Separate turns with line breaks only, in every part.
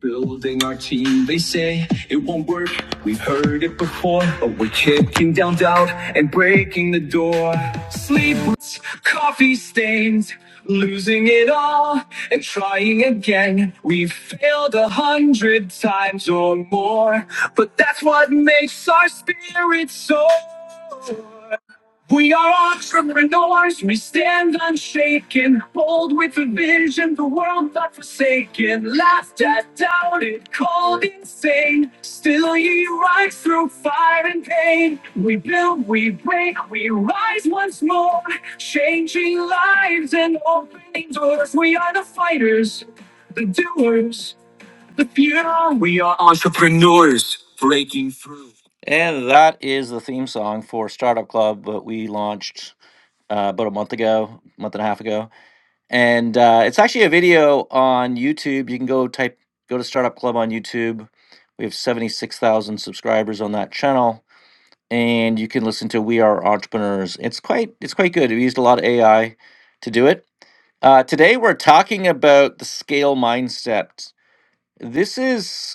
Building our team, they say it won't work. We've heard it before, but we're kicking down doubt and breaking the door. Sleepless, coffee stains, losing it all and trying again. We've failed a hundred times or more, but that's what makes our spirit soar. We are entrepreneurs, we stand unshaken, bold with a vision, the world not forsaken. Laughed at, doubted, called insane. Still you rise through fire and pain. We build, we break, we rise once more, changing lives and opening doors. We are the fighters, the doers. Yeah, We are entrepreneurs breaking through. And that is the theme song for Startup Club, but we launched uh, about a month ago, month and a half ago. And uh, it's actually a video on YouTube. You can go type, go to Startup Club on YouTube. We have 76,000 subscribers on that channel. And you can listen to We Are Entrepreneurs. It's quite, it's quite good. We used a lot of AI to do it. Uh, today we're talking about the scale mindset. This is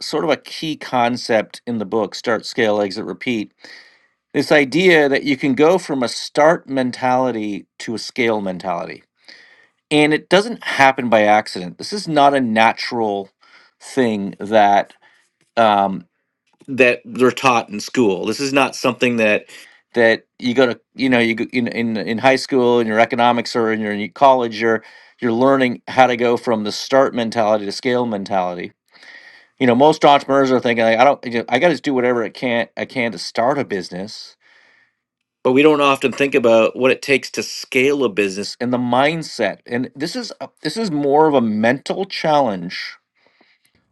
sort of a key concept in the book start scale exit repeat this idea that you can go from a start mentality to a scale mentality and it doesn't happen by accident this is not a natural thing that um, that they're taught in school this is not something that that you go to you know you go in in, in high school in your economics or in your in your college you're you're learning how to go from the start mentality to scale mentality you know most entrepreneurs are thinking like, i don't i gotta do whatever it can i can to start a business but we don't often think about what it takes to scale a business and the mindset and this is a- this is more of a mental challenge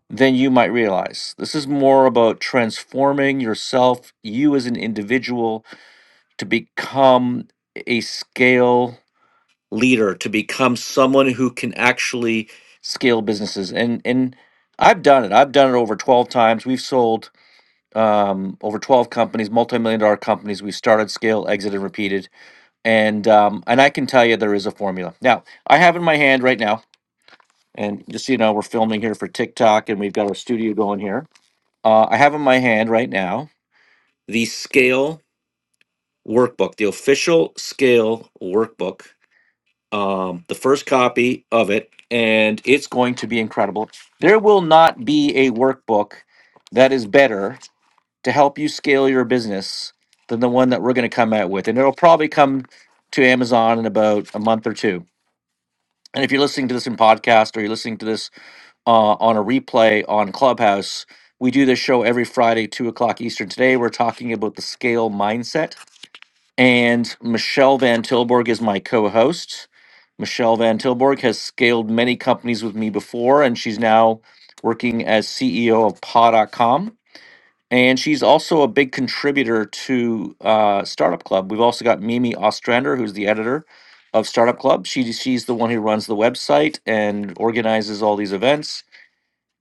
than you might realize this is more about transforming yourself you as an individual to become a scale leader to become someone who can actually scale businesses and and i've done it i've done it over 12 times we've sold um, over 12 companies, multi-million dollar companies. We've started, scale, exited, repeated, and um, and I can tell you there is a formula. Now I have in my hand right now, and just so you know, we're filming here for TikTok, and we've got our studio going here. Uh, I have in my hand right now the Scale Workbook, the official Scale Workbook, um, the first copy of it, and it's going to be incredible. There will not be a workbook that is better to help you scale your business than the one that we're going to come out with. And it'll probably come to Amazon in about a month or two. And if you're listening to this in podcast or you're listening to this uh, on a replay on Clubhouse, we do this show every Friday, two o'clock Eastern. Today, we're talking about the scale mindset. And Michelle Van Tilburg is my co host. Michelle Van Tilburg has scaled many companies with me before, and she's now working as CEO of paw dot com. And she's also a big contributor to uh, Startup Club. We've also got Mimi Ostrander, who's the editor of Startup Club. She, she's the one who runs the website and organizes all these events.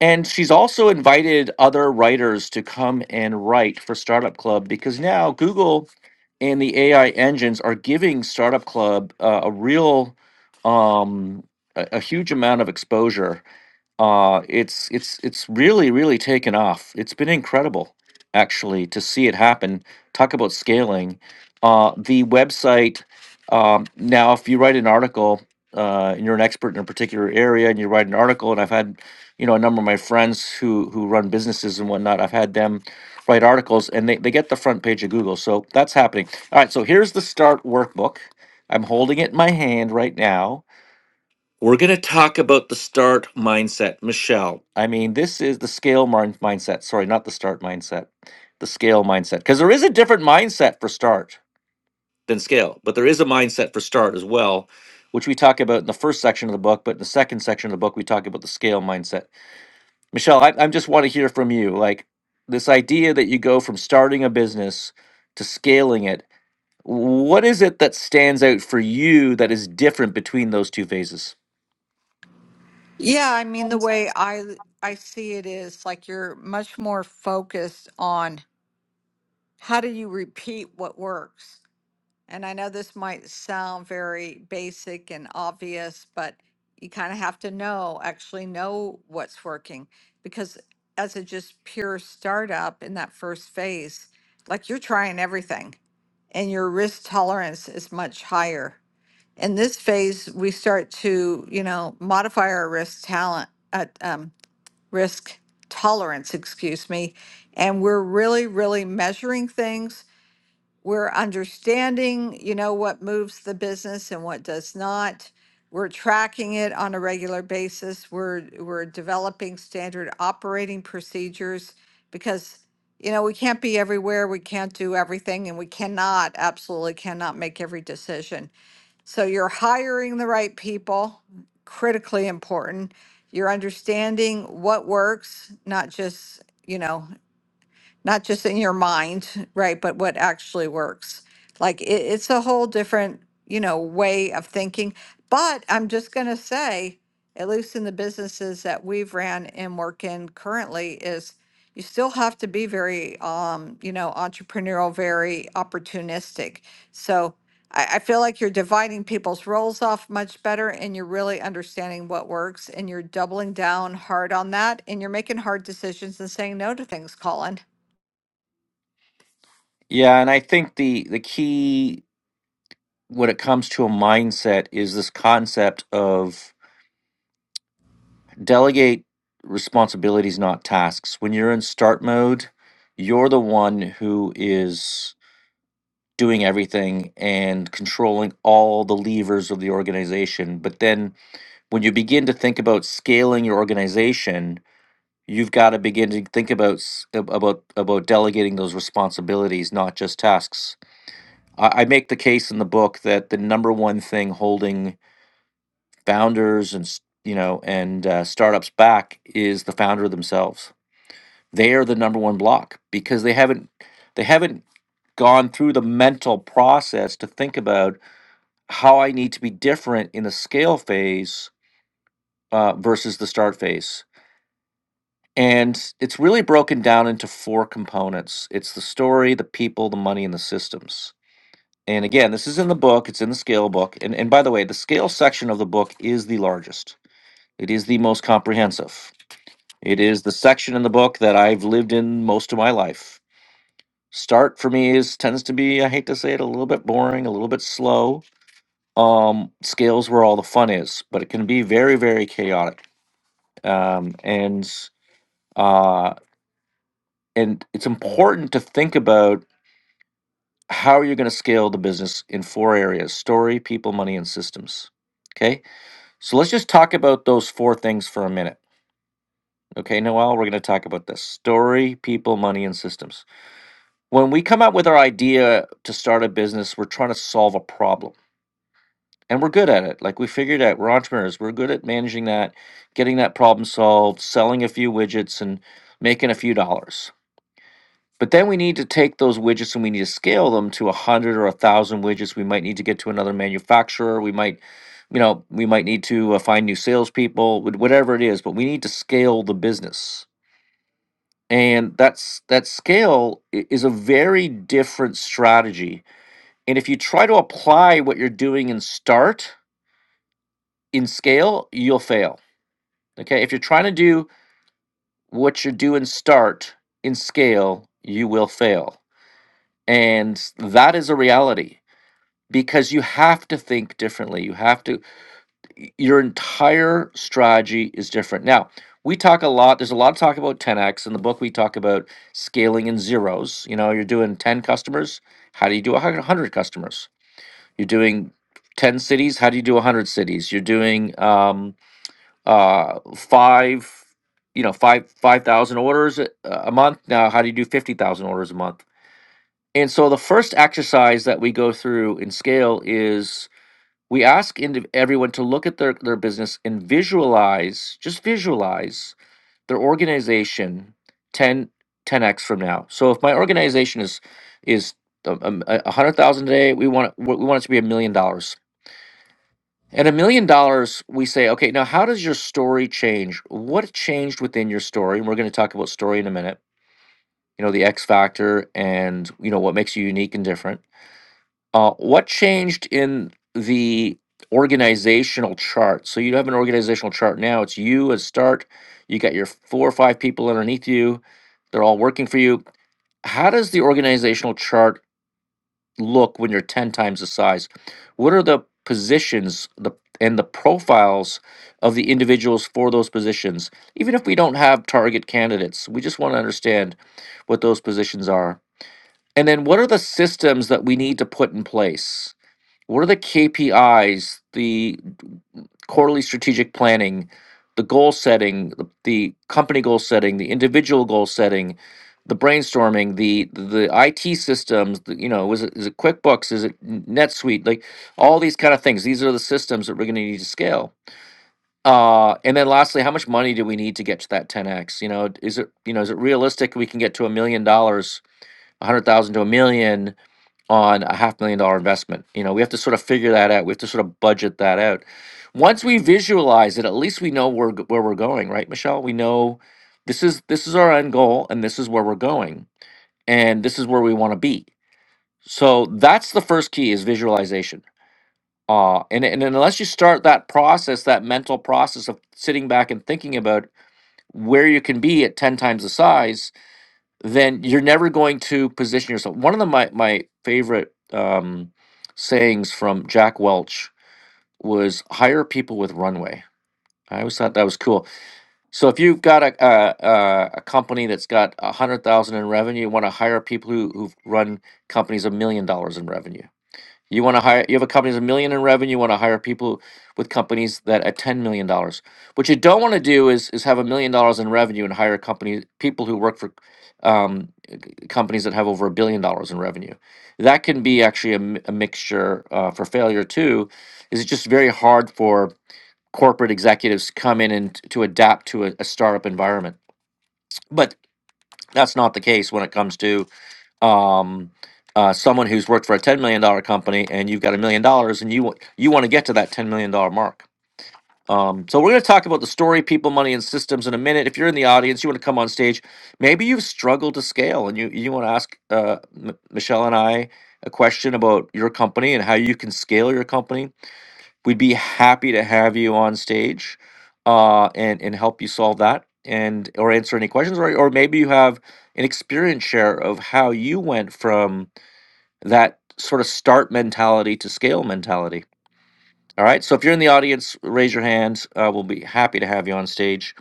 And she's also invited other writers to come and write for Startup Club because now Google and the AI engines are giving Startup Club uh, a real, um, a, a huge amount of exposure uh, it's it's it's really really taken off. It's been incredible, actually, to see it happen. Talk about scaling. Uh, the website um, now, if you write an article uh, and you're an expert in a particular area, and you write an article, and I've had you know a number of my friends who who run businesses and whatnot, I've had them write articles, and they they get the front page of Google. So that's happening. All right, so here's the start workbook. I'm holding it in my hand right now we're going to talk about the start mindset, Michelle. I mean, this is the scale mind- mindset. Sorry, not the start mindset, the scale mindset. Because there is a different mindset for start than scale, but there is a mindset for start as well, which we talk about in the first section of the book. But in the second section of the book, we talk about the scale mindset. Michelle, I, I just want to hear from you. Like this idea that you go from starting a business to scaling it. What is it that stands out for you that is different between those two phases?
Yeah, I mean the way I I see it is like you're much more focused on how do you repeat what works. And I know this might sound very basic and obvious, but you kind of have to know actually know what's working because as a just pure startup in that first phase, like you're trying everything and your risk tolerance is much higher. In this phase, we start to, you know, modify our risk talent uh, risk tolerance, excuse me. And we're really, really measuring things. We're understanding, you know, what moves the business and what does not. We're tracking it on a regular basis. We're we're developing standard operating procedures because you know, we can't be everywhere, we can't do everything, and we cannot, absolutely cannot make every decision. So you're hiring the right people, critically important. You're understanding what works, not just, you know, not just in your mind, right, but what actually works. Like it, it's a whole different, you know, way of thinking. But I'm just going to say, at least in the businesses that we've ran and work in currently, is you still have to be very, um, you know, entrepreneurial, very opportunistic. So I, I feel like you're dividing people's roles off much better and you're really understanding what works and you're doubling down hard on that and you're making hard decisions and saying no to things, Colin.
Yeah, and I think the the key when it comes to a mindset is this concept of delegate responsibilities, not tasks. When you're in start mode, you're the one who is doing everything and controlling all the levers of the organization. But then when you begin to think about scaling your organization, you've got to begin to think about s- ab- about about delegating those responsibilities, not just tasks I, I make the case in the book that the number one thing holding founders and s- you know and uh, startups back is the founder themselves. They are the number one block because they haven't they haven't gone through the mental process to think about how I need to be different in the scale phase uh, versus the start phase. And it's really broken down into four components. It's the story, the people, the money, and the systems And again, this is in the book, it's in the scale book. And, and by the way, the scale section of the book is the largest, it is the most comprehensive. It is the section in the book that I've lived in most of my life. Start for me is tends to be, I hate to say it, a little bit boring, a little bit slow. Um, scales where all the fun is, but it can be very, very chaotic. Um, and uh, and it's important to think about how you're going to scale the business in four areas: story, people, money, and systems. Okay, So let's just talk about those four things for a minute. Okay, Noel, we're going to talk about this story, people, money, and systems. When we come up with our idea to start a business, we're trying to solve a problem. And we're good at it. Like we figured out, we're entrepreneurs. We're good at managing that, getting that problem solved, selling a few widgets, and making a few dollars. But then we need to take those widgets and we need to scale them to 100 or 1,000 widgets. We might need to get to another manufacturer. We might, you know, we might need to uh, find new salespeople, wh- whatever it is, but we need to scale the business. And that's that scale i- is a very different strategy. And if you try to apply what you're doing in start in scale, you'll fail. Okay? If you're trying to do what you do in start in scale, you will fail. And that is a reality because you have to think differently. You have to, your entire strategy is different. Now, we talk a lot, there's a lot of talk about 10x. In the book, we talk about scaling in zeros. You know, you're doing 10 customers. How do you do 100 customers? You're doing 10 cities. How do you do 100 cities? You're doing um, uh, five, you know, five 5,000 orders a a month. Now, how do you do 50,000 orders a month? And so the first exercise that we go through in scale is we ask indiv- everyone to look at their, their business and visualize just visualize their organization ten ten x from now so if my organization is is um, um, a a hundred thousand today we want it, we we want it to be a million dollars and a million dollars we say okay now how does your story change what changed within your story and we're going to talk about story in a minute you know the x factor and you know what makes you unique and different uh, what changed in the organizational chart? So you have an organizational chart now. It's you as start. You got your four or five people underneath you. They're all working for you. How does the organizational chart look when you're 10 times the size? What are the positions the and the profiles of the individuals for those positions? Even if we don't have target candidates, we just want to understand what those positions are. And then what are the systems that we need to put in place? What are the KPIs, the quarterly strategic planning, the goal setting, the, the company goal setting, the individual goal setting, the brainstorming, the the IT systems, the, you know, is it, is it QuickBooks, is it NetSuite, like all these kind of things. These are the systems that we're going to need to scale. Uh, and then lastly, how much money do we need to get to that 10x? You know, is it you know is it realistic we can get to a million dollars, a hundred thousand to a million? on a half million dollar investment. You know, we have to sort of figure that out. We have to sort of budget that out. Once we visualize it, at least we know where where we're going, right, Michelle? We know this is this is our end goal, and this is where we're going, and this is where we want to be. So that's the first key is visualization. Uh, and and unless you start that process, that mental process of sitting back and thinking about where you can be at ten times the size, then you're never going to position yourself. One of the, my my favorite um, sayings from Jack Welch was "Hire people with runway." I always thought that was cool. So if you've got a a, a a company that's got a hundred thousand in revenue, you want to hire people who who've run companies a million dollars in revenue. You want to hire you have a company that's a million in revenue. You want to hire people with companies that at ten million dollars. What you don't want to do is is have a million dollars in revenue and hire company people who work for um, companies that have over a billion dollars in revenue. That can be actually a, mi- a mixture uh, for failure too. Is it's just very hard for corporate executives to come in and t- to adapt to a, a startup environment. But that's not the case when it comes to um, uh, someone who's worked for a ten million dollar company and you've got a million dollars and you wa- you want to get to that ten million dollar mark. Um, so we're going to talk about the story, people, money, and systems in a minute. If you're in the audience, you want to come on stage. Maybe you've struggled to scale, and you you want to ask uh, M- Michelle and I a question about your company and how you can scale your company. We'd be happy to have you on stage, uh, and and help you solve that, and or answer any questions, or or maybe you have an experience share of how you went from that sort of start mentality to scale mentality. All right. So if you're in the audience, raise your hand. Uh, we'll be happy to have you on stage.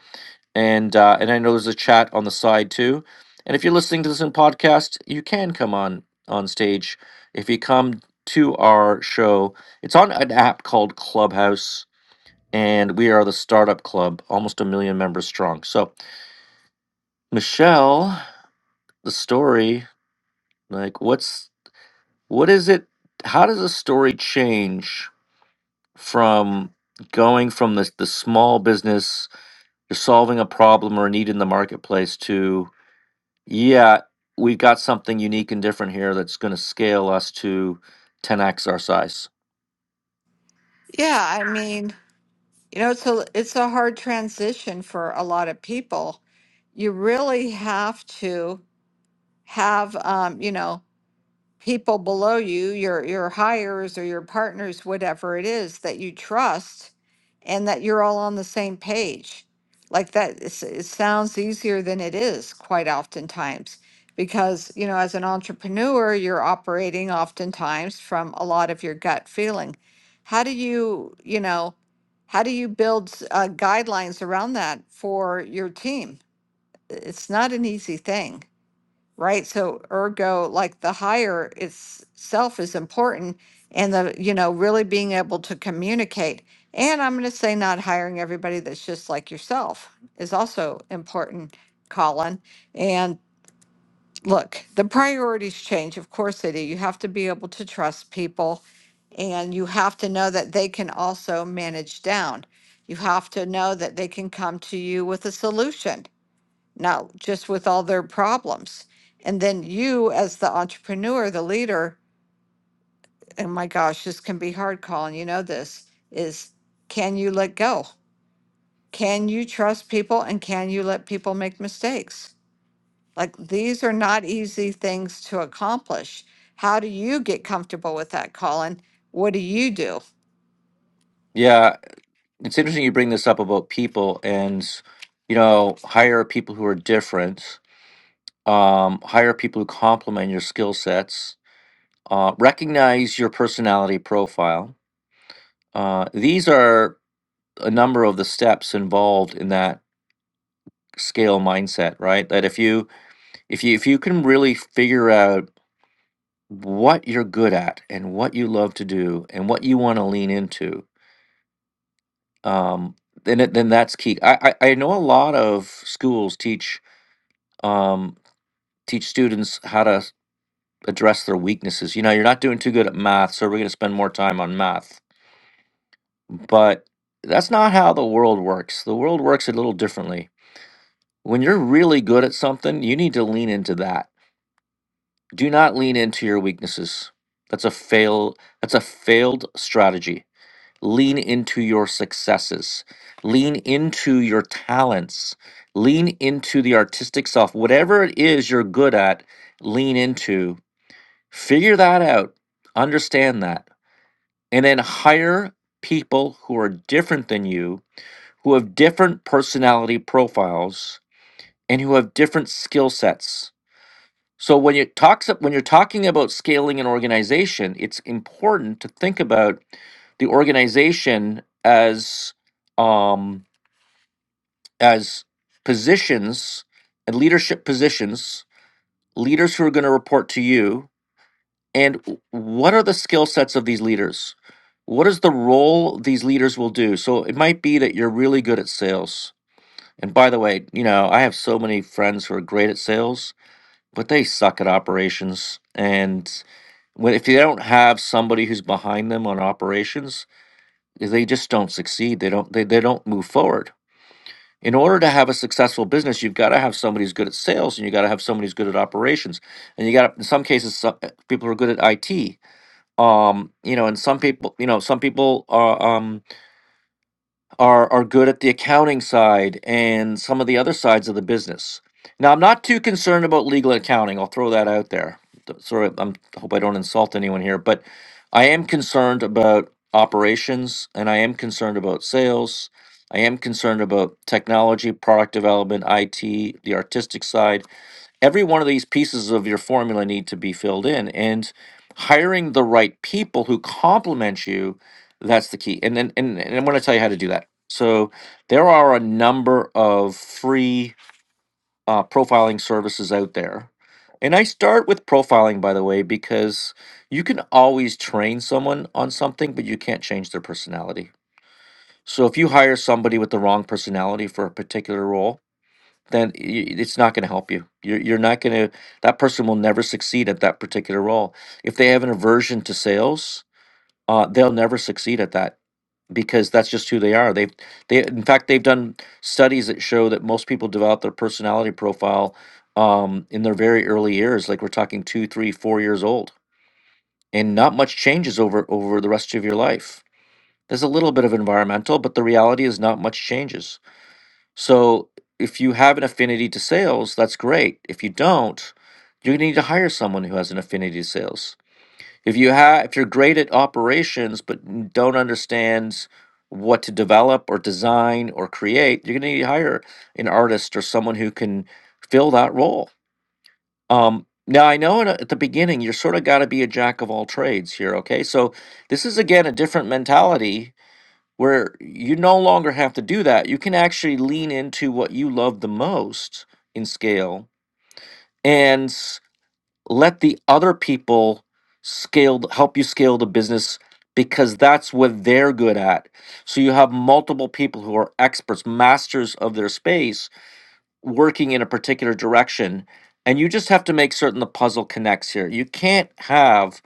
And uh, and I know there's a chat on the side too. And if you're listening to this in podcast, you can come on on stage. If you come to our show, it's on an app called Clubhouse, and we are the startup club, almost a million members strong. So Michelle, the story, like what's what is it? How does a story change from going from the the small business? you're solving a problem or a need in the marketplace to yeah we've got something unique and different here that's going to scale us to 10x our size
Yeah, I mean, you know, it's a it's a hard transition for a lot of people. You really have to have, um, you know, people below you, your your hires or your partners, whatever it is that you trust, and that you're all on the same page. Like that, it's- it sounds easier than it is quite oftentimes, because you know, as an entrepreneur, you're operating oftentimes from a lot of your gut feeling. How do you, you know, how do you build uh, guidelines around that for your team? It's not an easy thing right? So ergo, like the higher itself is important and the, you know, really being able to communicate. And I'm going to say not hiring everybody that's just like yourself is also important, Colin. And look, the priorities change. Of course they do. You have to be able to trust people and you have to know that they can also manage down. You have to know that they can come to you with a solution no, just with all their problems. And then you, as the entrepreneur, the leader, and my gosh, this can be hard, Colin. You know this is can you let go? Can you trust people and can you let people make mistakes? Like these are not easy things to accomplish. How do you get comfortable with that, Colin? What do you do?
yeah it's interesting you bring this up about people and you know hire people who are different um, hire people who complement your skill sets uh, recognize your personality profile uh, these are a number of the steps involved in that scale mindset right that if you if you if you can really figure out what you're good at and what you love to do and what you want to lean into um then it, then that's key I, I i know a lot of schools teach um teach students how to s- address their weaknesses you know you're not doing too good at math so we're going to spend more time on math but that's not how the world works the world works a little differently when you're really good at something you need to lean into that do not lean into your weaknesses that's a fail that's a failed strategy lean into your successes, lean into your talents, lean into the artistic self. Whatever it is you're good at, lean into, figure that out, understand that, and then hire people who are different than you, who have different personality profiles, and who have different skill sets so when you talks when you're talking about scaling an organization, it's important to think about the organization as um, as positions and leadership positions, leaders who are going to report to you, and w- what are the skill sets of these leaders? What is the role these leaders will do? So it might be that you're really good at sales. And by the way, you know, I have so many friends who are great at sales, but they suck at operations and when if you don't have somebody who's behind them on operations, they just don't succeed. They don't they, they don't move forward. In order to have a successful business, you've got to have somebody who's good at sales, and you got to have somebody who's good at operations, and you got to, in some cases some, people are good at IT. Um, you know, and some people, you know, some people are. Um, are are good at the accounting side and some of the other sides of the business. Now, I'm not too concerned about legal accounting. I'll throw that out there. Th- Sorry, I'm, I hope I don't insult anyone here, but I am concerned about operations and I am concerned about sales. I am concerned about technology, product development, IT, the artistic side every one of these pieces of your formula need to be filled in and hiring the right people who complement you that's the key and then and, and i'm going to tell you how to do that so there are a number of free uh, profiling services out there and i start with profiling by the way because you can always train someone on something but you can't change their personality so if you hire somebody with the wrong personality for a particular role then i- it's not going to help you. You're, you're not going to, that person will never succeed at that particular role. If they have an aversion to sales, uh, they'll never succeed at that because that's just who they are. They've, they, in fact, they've done studies that show that most people develop their personality profile um, in their very early years, like we're talking two, three, four years old, and not much changes over over the rest of your life. There's a little bit of environmental, but the reality is not much changes so if you have an affinity to sales, that's great. If you don't, you're gonna need to hire someone who has an affinity to sales. If you have, if you're great at operations but n- don't understand what to develop or design or create, you're gonna need to hire an artist or someone who can fill that role. Um, now I know in a- at the beginning you're sort of got to be a jack of all trades here. Okay, so this is again a different mentality where you no longer have to do that. You can actually lean into what you love the most in scale and s- let the other people scale th- help you scale the business because that's what they're good at. So you have multiple people who are experts, masters of their space working in a particular direction and you just have to make certain the puzzle connects here. You can't have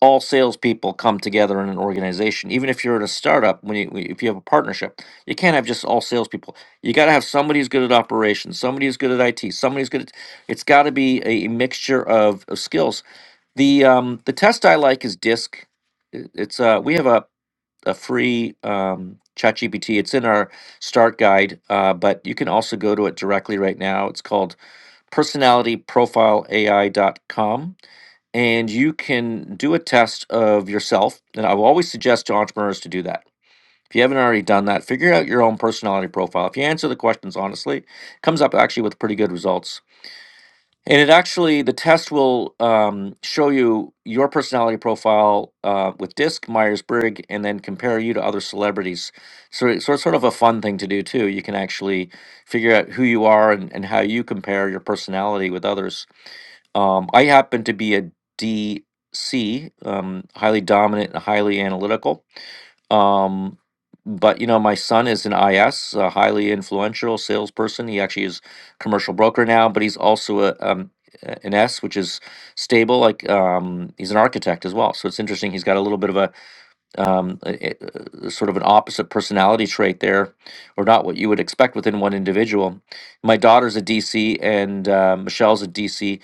all salespeople come together in an organization. Even if you're at a startup, when you if you have a partnership, you can't have just all salespeople. You got to have somebody who's good at operations, somebody who's good at IT, somebody who's good at. It's got to be a mixture of, of skills. The um, the test I like is DISC. It- It's uh, we have a a free um, ChatGPT. It's in our start guide, uh, but you can also go to it directly right now. It's called personalityprofileai.com and you can do a test of yourself. And I will always suggest to entrepreneurs to do that. If you haven't already done that, figure out your own personality profile. If you answer the questions honestly, it comes up actually with pretty good results. And it actually, the test will um, show you your personality profile uh, with DISC, Myers Briggs, and then compare you to other celebrities. So, it- so it's sort of a fun thing to do too. You can actually figure out who you are and, and how you compare your personality with others um, I happen to be a D C, um, highly dominant and highly analytical. Um, but you know, my son is an I S, a highly influential salesperson. He actually is commercial broker now, but he's also a um, a- an S, which is stable. Like um, he's an architect as well. So it's interesting. He's got a little bit of a um, a, a- a sort of an opposite personality trait there, or not what you would expect within one individual. My daughter's a DC, and uh, Michelle's a DC.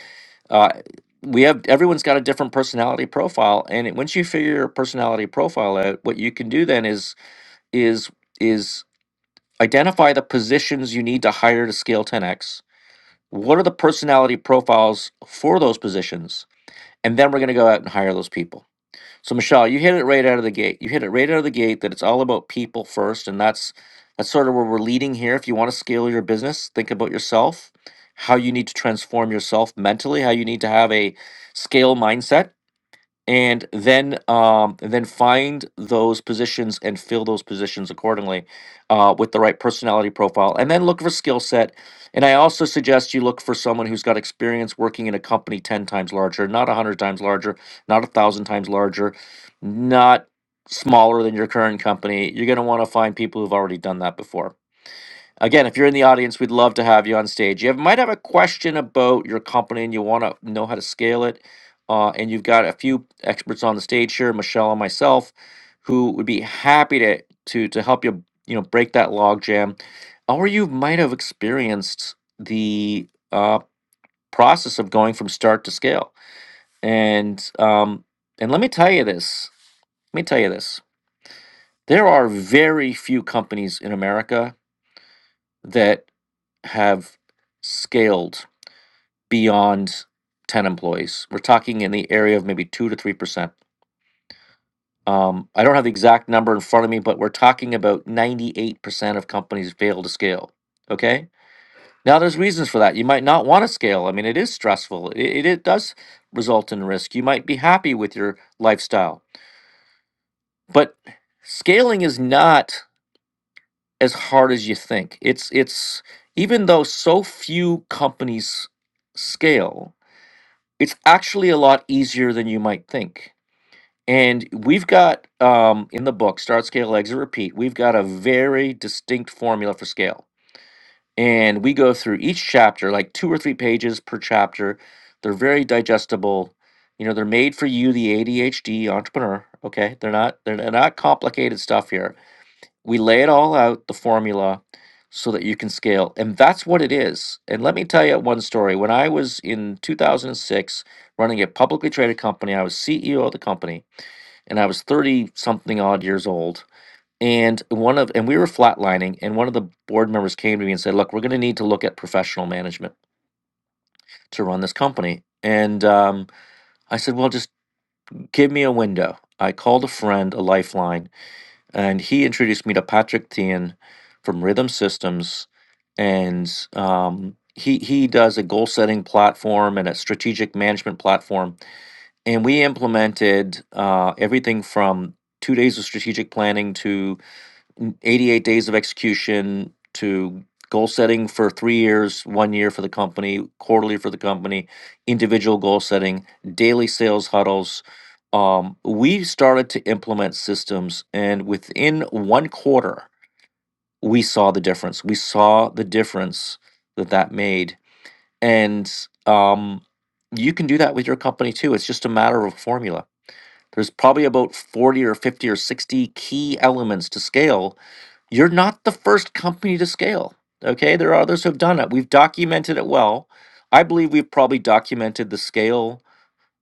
Uh, we have everyone's got a different personality profile, and it, once you figure your personality profile out, what you can do then is is is identify the positions you need to hire to scale 10x. What are the personality profiles for those positions? And then we're going to go out and hire those people so Michelle, you hit it right out of the gate. You hit it right out of the gate that it's all about people first, and that's that's sort of where we're leading here. If you want to scale your business, think about yourself, how you need to transform yourself mentally, how you need to have a scale mindset and then um, and then find those positions and fill those positions accordingly uh, with the right personality profile and then look for skill set and i also suggest you look for someone who's got experience working in a company 10 times larger not 100 times larger not 1000 times larger not smaller than your current company you're going to want to find people who've already done that before Again, if you're in the audience, we'd love to have you on stage. You have, might have a question about your company and you want to know how to scale it. Uh, and you've got a few experts on the stage here, Michelle and myself, who would be happy to to to help you, you know, break that log jam. Or you might have experienced the uh, process of going from start to scale. And um, and let me tell you this. Let me tell you this. There are very few companies in America that. have scaled beyond 10 employees. We're talking in the area of maybe 2 to 3%. Um, I don't have the exact number in front of me, but we're talking about 98% of companies fail to scale. Okay? Now, there's reasons for that. You might not want to scale. I mean, it is stressful, it, it, it does result in risk. You might be happy with your lifestyle, but scaling is not as hard as you think. It's, it's, even though so few companies scale, it's actually a lot easier than you might think. And we've got um, in the book, Start, Scale, Exit, Repeat, we've got a very distinct formula for scale. And we go through each chapter, like two or three pages per chapter. They're very digestible. You know, they're made for you, the ADHD entrepreneur. Okay. They're not, they're not complicated stuff here we lay it all out, the formula, so that you can scale. And that's what it is. And let me tell you one story. When I was in 2006 running a publicly traded company, I was CEO of the company and I was 30 something odd years old. And one of and we were flatlining and one of the board members came to me and said, "Look, we're going to need to look at professional management to run this company." And um, I said, "Well, just give me a window." I called a friend, a lifeline, and he introduced me to Patrick Tian from Rhythm Systems, and um, he he does a goal setting platform and a strategic management platform, and we implemented uh, everything from two days of strategic planning to n- 88 days of execution to goal setting for three years, one year for the company, quarterly for the company, individual goal setting, daily sales huddles. Um, we started to implement systems, and within one quarter, we saw the difference. We saw the difference that that made. And um, you can do that with your company too. It's just a matter of formula. There's probably about 40 or 50 or 60 key elements to scale you're not the first company to scale. Okay. There are others who have done it. We've documented it well. I believe we've probably documented the scale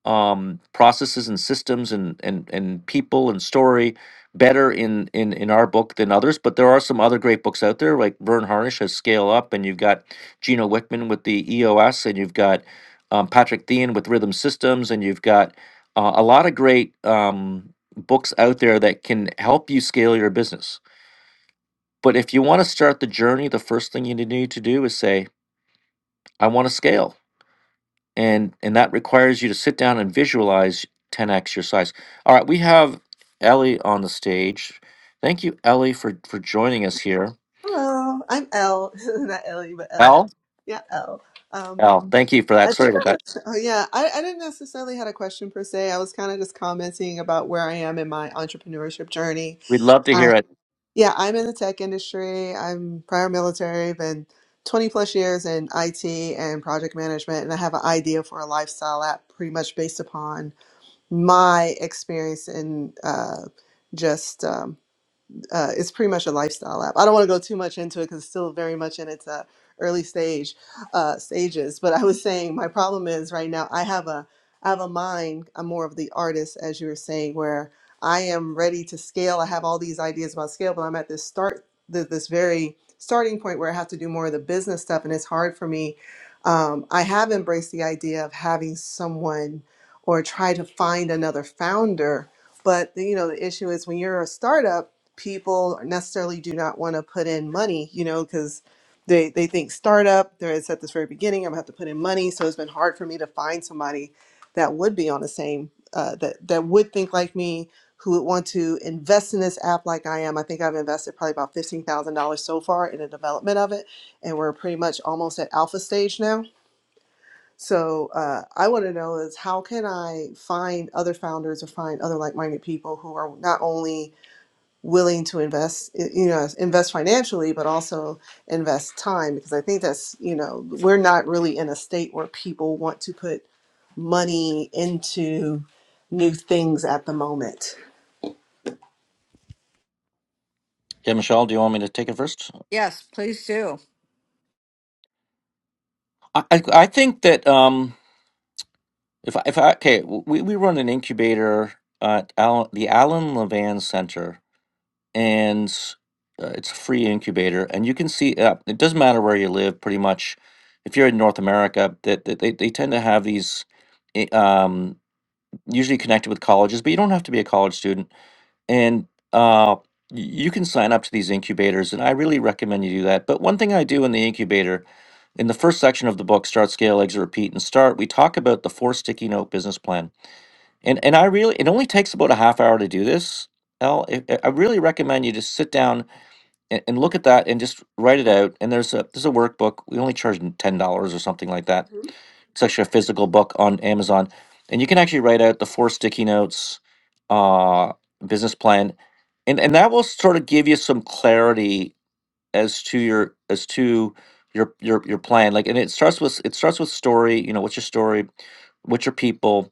um, processes and systems and, and, and people and story better in, in, in our book than others. But there are some other great books out there, like Vern Harnish has Scale Up, and you've got Gino Wickman with the EOS, and you've got um, Patrick Thean with Rhythm Systems, and you've got uh, a lot of great um, books out there that can help you scale your business but if you want to start the journey, the first thing you need to do is say, I want to scale. And and that requires you to sit down and visualize 10x your size. All right, we have Ellie on the stage. Thank you, Ellie, for for joining us here.
Hello, I'm L. Not Ellie, but L.
Al?
Yeah, L. Um,
Al, thank you for
I
that. Sorry
think
about
I
that.
was, oh yeah, I, I didn't necessarily had a question per se. I was kind of just commenting about where I am in my entrepreneurship journey.
We'd love to
I,
hear it.
yeah, I'm in the tech industry. I'm prior military, been 20 plus years in IT and project management, and I have an idea for a lifestyle app pretty much based upon my experience in uh, just. um, uh, it's pretty much a lifestyle app. I don't want to go too much into it because it's still very much in its uh, early stage uh, stages. But I was saying my problem is right now I have a I have a mind. I'm more of the artist, as you were saying, where I am ready to scale. I have all these ideas about scale, but I'm at this start th- this very starting point where I have to do more of the business stuff, and it's hard for me. Um, I have embraced the idea of having someone or try to find another founder but you know the issue is when you're a startup people necessarily do not want to put in money, you know, because they, they think startup, there it's at this very beginning, I'm gonna have to put in money. So it's been hard for me to find somebody that would be on the same, uh, that, that would think like me, who would want to invest in this app like I am. I think I've invested probably about $15,000 so far in the development of it. And we're pretty much almost at alpha stage now. So uh, I want to know is how can I find other founders or find other like-minded people who are not only willing to invest you know invest financially but also invest time because i think that's you know we're not really in a state where people want to put money into new things at the moment
Yeah, Michelle, do you want me to take it first?
Yes, please do.
I I, I think that um if I, if I okay, we, we run an incubator at Allen, the Allen Levan Center and uh, it's a free incubator and you can see uh, it doesn't matter where you live pretty much if you're in north america that that they, they tend to have these i- um, usually connected with colleges but you don't have to be a college student and uh, y- you can sign up to these incubators and i really recommend you do that but one thing i do in the incubator in the first section of the book start scale exit repeat and start we talk about the four sticky note business plan and and i really it only takes about a half hour to do this Al, I I really recommend you just sit down and, and look at that and just write it out. And there's a there's a workbook. We only charge ten dollars or something like that. It's actually a physical book on Amazon, and you can actually write out the four sticky notes, uh, business plan, and and that will sort of give you some clarity as to your as to your your your plan. Like, and it starts with it starts with story. You know, what's your story? What's your people?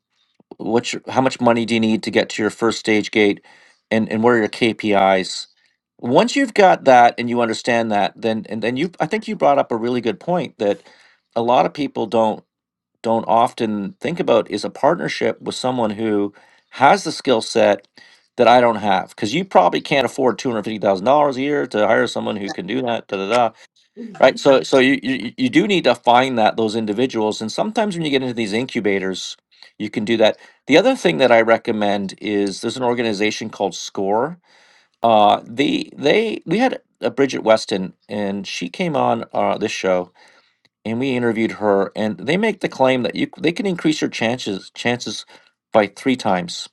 what's your, how much money do you need to get to your first stage gate and and what are your KPIs once you've got that and you understand that then and then you I think you brought up a really good point that a lot of people don't don't often think about is a partnership with someone who has the skill set that I don't have because you probably can't afford two hundred fifty thousand dollars a year to hire someone who can do that da da da
Mhm.
right so so you, you you do need to find that those individuals and sometimes when you get into these incubators you can do that the other thing that i recommend is there's an organization called score uh they they we had a bridget weston and she came on uh this show and we interviewed her and they make the claim that you c- they can increase your chances chances by three times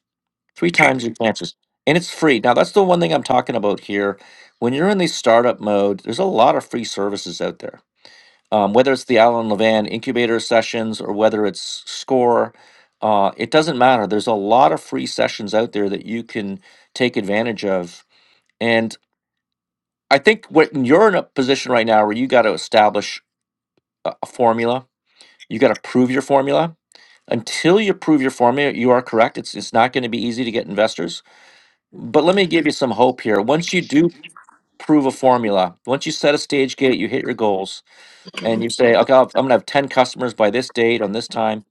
three times your chances and it's free now that's the one thing i'm talking about here when you're in the startup mode there's a lot of free services out there um, whether it's the Alan Levan incubator sessions or whether it's SCORE, uh, it doesn't matter. There's a lot of free sessions out there that you can take advantage of. And I think what you're in a position right now where you got to establish a, a formula, you got to prove your formula. Until you prove your formula, you are correct. It's it's not going to be easy to get investors. But let me give you some hope here. Once you do prove a formula, once you set a stage gate, you hit your goals and you say, okay, I'll, I'm gonna have ten customers by this date on this time,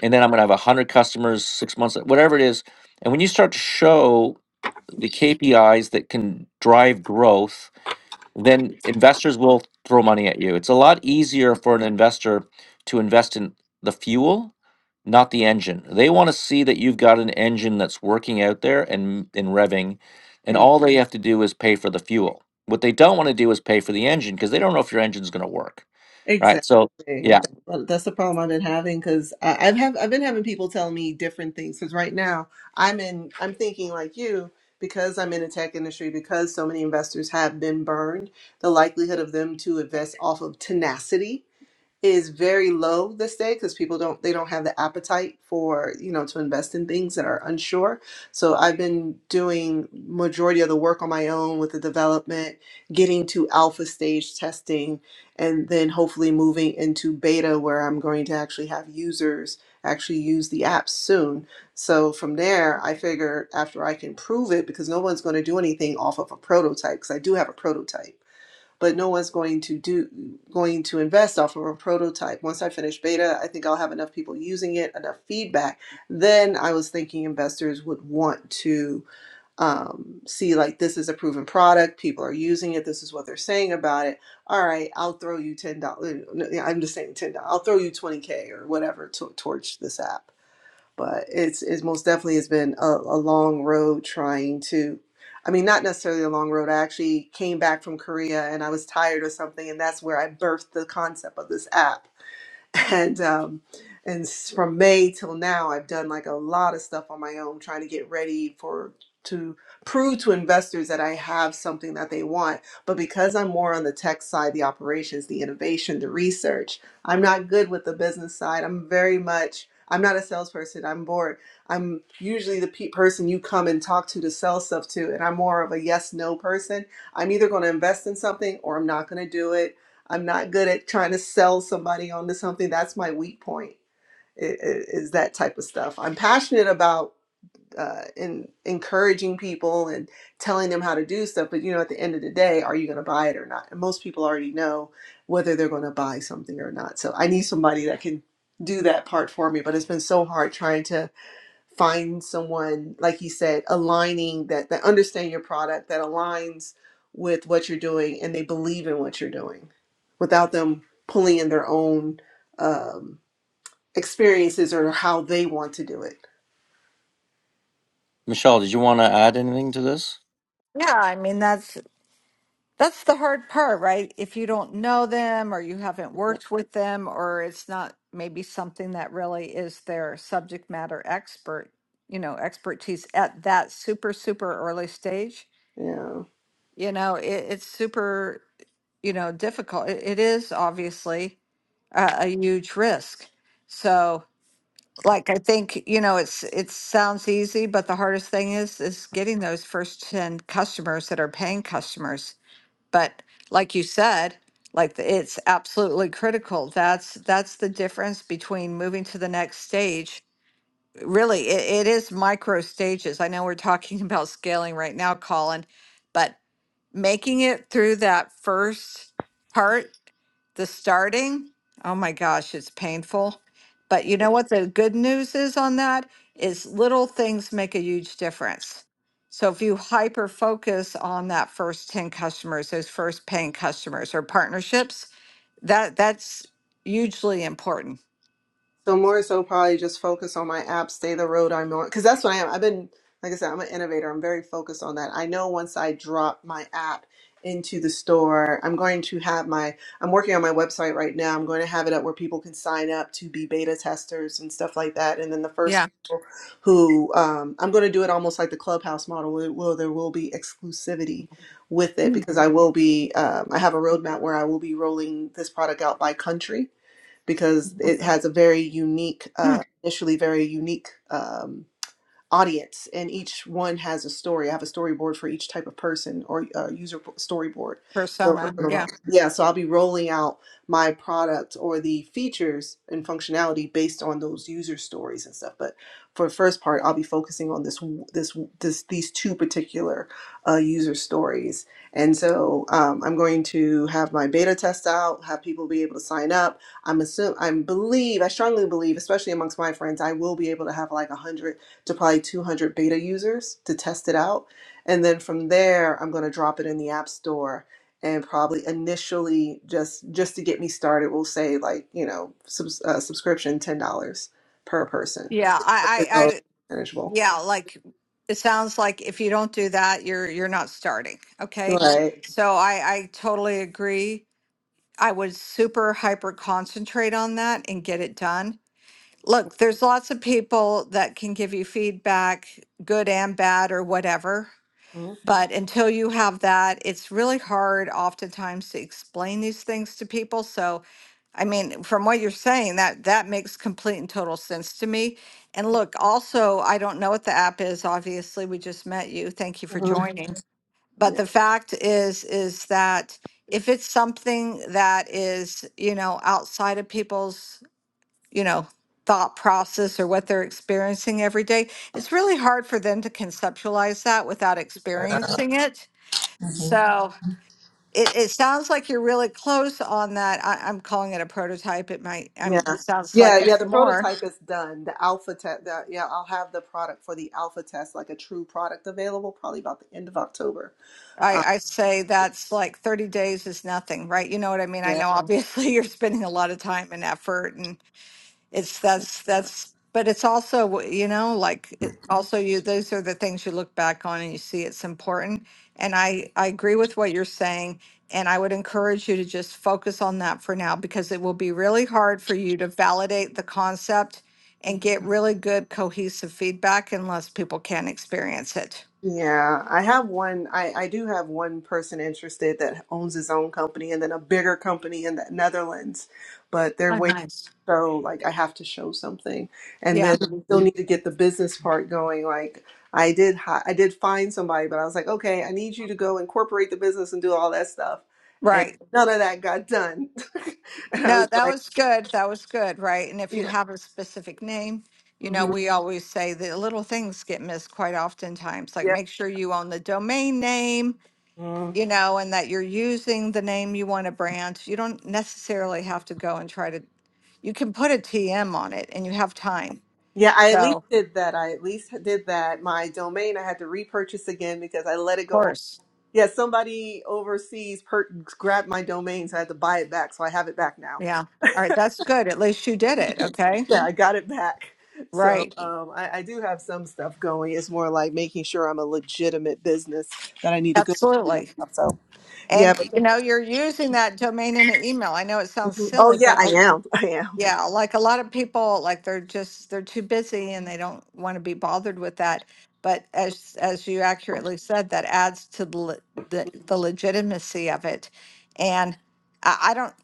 and then I'm gonna have one hundred customers six months, whatever it is. And when you start to show the KPIs that can drive growth then investors will throw money at you. It's a lot easier for an investor to invest in the fuel, not the engine. They want to see that you've got an engine that's working out there and and revving, and all they have to do is pay for the fuel. What they don't want to do is pay for the engine because they don't know if your engine's going to work, right?
Exactly.
So
That's
yeah.
what- that's the problem I've been having because I've have I've been having people tell me different things. Because right now I'm in I'm thinking like you because I'm in the tech industry because so many investors have been burned. The likelihood of them to invest off of tenacity is very low this day because people don't they don't have the appetite for you know to invest in things that are unsure so i've been doing majority of the work on my own with the development getting to alpha stage testing and then hopefully moving into beta where i'm going to actually have users actually use the app soon so from there i figure after i can prove it because no one's going to do anything off of a prototype because i do have a prototype but no one's going to do going to invest off of a prototype once i finish beta i think i'll have enough people using it enough feedback then i was thinking investors would want to um, see like this is a proven product people are using it this is what they're saying about it all right i'll throw you $10 no, yeah, i'm just saying $10 i'll throw you 20k or whatever to, towards this app but it's it's most definitely has been a, a long road trying to I mean not necessarily a long road. I actually came back from Korea and I was tired of something and that's where I birthed the concept of this app and um, and s- from May till now, I've done like a lot of stuff on my own, trying to get ready for to prove to investors that I have something that they want. But because I'm more on the tech side, the operations, the innovation, the research, I'm not good with the business side. I'm very much I'm not a salesperson. I'm bored. I'm usually the pe- person you come and talk to to sell stuff to, and I'm more of a yes no person. I'm either going to invest in something or I'm not going to do it I'm not good at trying to sell somebody onto something. That's my weak point. i- Is that type of stuff. I'm passionate about uh, in encouraging people and telling them how to do stuff. But you know, at the end of the day, are you going to buy it or not? And most people already know whether they're going to buy something or not. So I need somebody that can do that part for me. But it's been so hard trying to find someone like you said aligning that that understand your product that aligns with what you're doing and they believe in what you're doing without them pulling in their own um, experiences or how they want to do it
Michelle, did you want to add anything to this?
Yeah, I mean, that's That's the hard part, right? If you don't know them or you haven't
Uh,
worked with them or it's not maybe something that really is their subject matter expert, you know, expertise at that super, super early stage,
yeah
you know, it, it's super, you know, difficult. It, it is obviously a, a huge risk. So, like, I think, you know, it's, it sounds easy, but the hardest thing is, is getting those first 10 customers that are paying customers but like you said, like the- it's absolutely critical. That's that's the difference between moving to the next stage. Really, it, it is micro stages. I know we're talking about scaling right now, Colin, but making it through that first part, the starting, oh my gosh, it's painful. But you know what the good news is on that is little things make a huge difference. So if you hyper focus on that first 10 customers, those first paying customers or partnerships, that that's hugely important.
So more so probably just focus on my app, stay the road I'm on, because that's what I am. I've been, like I said, I'm an innovator. I'm very focused on that. I know once I drop my app into the store, I'm going to have my, I'm working on my website right now. I'm going to have it up where people can sign up to be beta testers and stuff like that. And then the first
Yeah.
people who, um, I'm going to do it almost like the clubhouse model. Will, will there will be exclusivity with it because I will be, um, I have a roadmap where I will be rolling this product out by country because it has a very unique,
Hmm.
uh, initially very unique um, audience and each one has a story i have a storyboard for each type of person or uh, user bo- storyboard so i'm
Persona.
gonna
Yeah.
roll yeah so i'll be rolling out my product or the features and functionality based on those user stories and stuff but for the first part i'll be focusing on this w- this w- this these two particular uh, user stories and so um, i'm going to have my beta test out have people be able to sign up I'm assume I believe I strongly believe, especially amongst my friends, I will be able to have like 100 to probably 200 beta users to test it out. And then from there, I'm going to drop it in the App Store and probably initially just just to get me started, we'll say like, you know, subs, uh, subscription $10 per person.
Yeah. I, I,
So manageable.
Yeah, like it sounds like if you don't do that, you're you're not starting. Okay.
Right.
So I I totally agree. I would super hyper concentrate on that and get it done. Look, there's lots of people that can give you feedback, good and bad or whatever. But until you have that, it's really hard oftentimes to explain these things to people. So I mean, from what you're saying, that that makes complete and total sense to me. And look, also, I don't know what the app is. Obviously, we just met you. Thank you for
Mm-hmm.
joining. But
Yeah.
the fact is, is that if it's something that is, you know, outside of people's, you know, thought process or what they're experiencing every day, it's really hard for them to conceptualize that without experiencing it. So it, it sounds like you're really close on that. I, I'm calling it a prototype. It might, I'm,
Yeah.
it sounds
Yeah,
like
yeah,
it's
the
more.
prototype is done. The alpha test, the, yeah, I'll have the product for the alpha test, like a true product available probably about the end of October.
I, I say that's like 30 days is nothing, right? You know what I mean? I
Yeah.
know obviously you're spending a lot of time and effort and. It's that's that's but it's also you know like it, also you those are the things you look back on and you see it's important and I I agree with what you're saying and I would encourage you to just focus on that for now because it will be really hard for you to validate the concept and get really good cohesive feedback unless people can experience it.
Yeah, I have one. I, I do have one person interested that owns his own company and then a bigger company in the Netherlands, but they're
Oh,
waiting.
nice.
So, like, I have to show something, and
Yeah,
then I still need to get the business part going. Like, I did, hi- I did find somebody, but I was like, okay, I need you to go incorporate the business and do all that stuff, and
right.
none of that got done. And I
No,
was
that
like,
was good. That was good, right? And if you
yeah,
have a specific name, you know,
hmm
we always say the little things get missed quite oftentimes. Like make sure you own the domain name,
yeah.
you know, and that you're using the name you want to brand. You don't necessarily have to go and try to, you can put a TM on it and you have time.
Yeah, I
So,
at least
of
did that. I at least did that. My domain I had to repurchase again because I let it go. o-
course.
Yeah, somebody overseas per- grabbed my domain, so I had to buy it back. So I have it back now.
Yeah. All right. That's good. At least you did it. Okay.
Yeah, I got it back. So
Right.
um, I, I do have some stuff going. It's more like making sure I'm a legitimate business that I need to go.
Absolutely.
So yeah,
And
but
you know, you're using that domain in an email. I know it sounds
Mhm. oh
silly,
yeah,
but
I
a
am. I am.
Yeah, like a lot of people, like they're just they're too busy and they don't want to be bothered with that. But as as you accurately said, that adds to the le- the, the legitimacy of it. And I, I don't,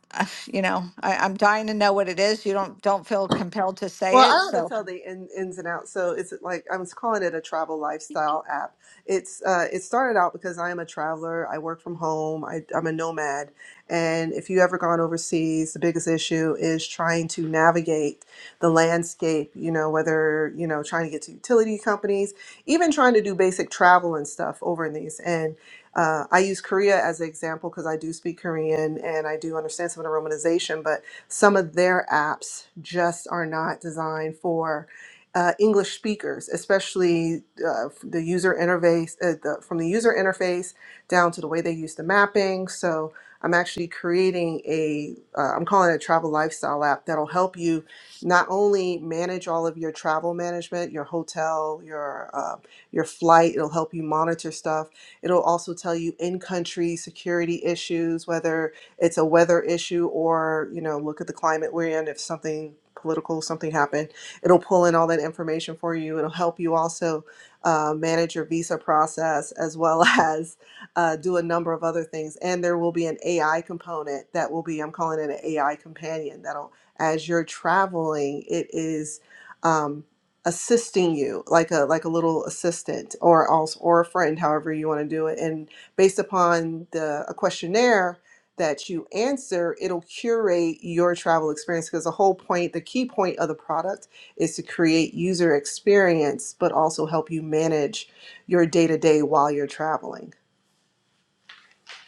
you know, I, I'm dying to know what it is. You don't don't feel compelled to
Well,
say it,
I want to
so
tell the in, ins and outs. So it's like I was calling it a travel lifestyle app. It's uh, it started out because I am a traveler. I work from home. I, I'm a nomad, and if you ever gone overseas, the biggest issue is trying to navigate the landscape. You know, whether you know trying to get to utility companies, even trying to do basic travel and stuff over in these. And uh, I use Korea as an example because I do speak Korean and I do understand some of the romanization, but some of their apps just are not designed for uh, English speakers, especially uh, the user interface, uh, the, from the user interface down to the way they use the mapping. So I'm actually creating a, uh, I'm calling it a travel lifestyle app that'll help you not only manage all of your travel management, your hotel, your uh, your flight. It'll help you monitor stuff. It'll also tell you in country security issues, whether it's a weather issue or you know look at the climate we're in if something political something happened it'll pull in all that information for you it'll help you also uh, manage your visa process as well as uh, do a number of other things and there will be an ai component that will be i'm calling it an ai companion that'll as you're traveling it is um, assisting you like a like a little assistant or also or a friend however you want to do it and based upon the a questionnaire that you answer, it'll curate your travel experience because the whole point, the key point of the product is to create user experience, but also help you manage your day to day while you're traveling.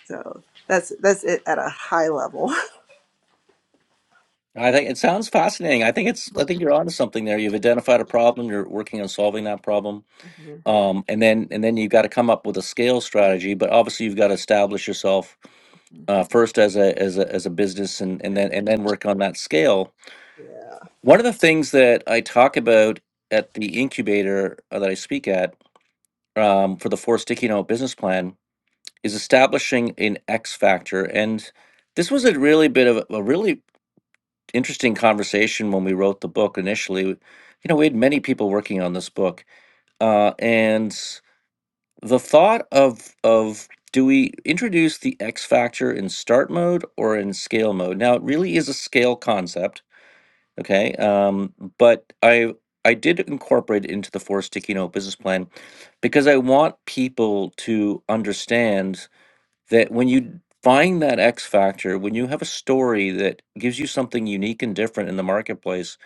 So that's that's it at a high level.
I think it sounds fascinating. I think it's I think you're onto something there. You've identified a problem, you're working on solving that problem.
Mhm.
um, and then and then you've got to come up with a scale strategy. But obviously, you've got to establish yourself uh, first as a as a as a business, and and then
Yeah,
and then work on that scale. One of the things that I talk about at the incubator uh, that I speak at um, for the four sticky note business plan is establishing an X factor, and this was a really bit of a, a really interesting conversation when we wrote the book initially. You know, we had many people working on this book, uh, and the thought of of do we introduce the X factor in start mode or in scale mode? Now it really is a scale concept, okay? Um, but I I did incorporate it into the four sticky note business plan because I want people to understand that when you find that X factor, when you have a story that gives you something unique and different in the marketplace,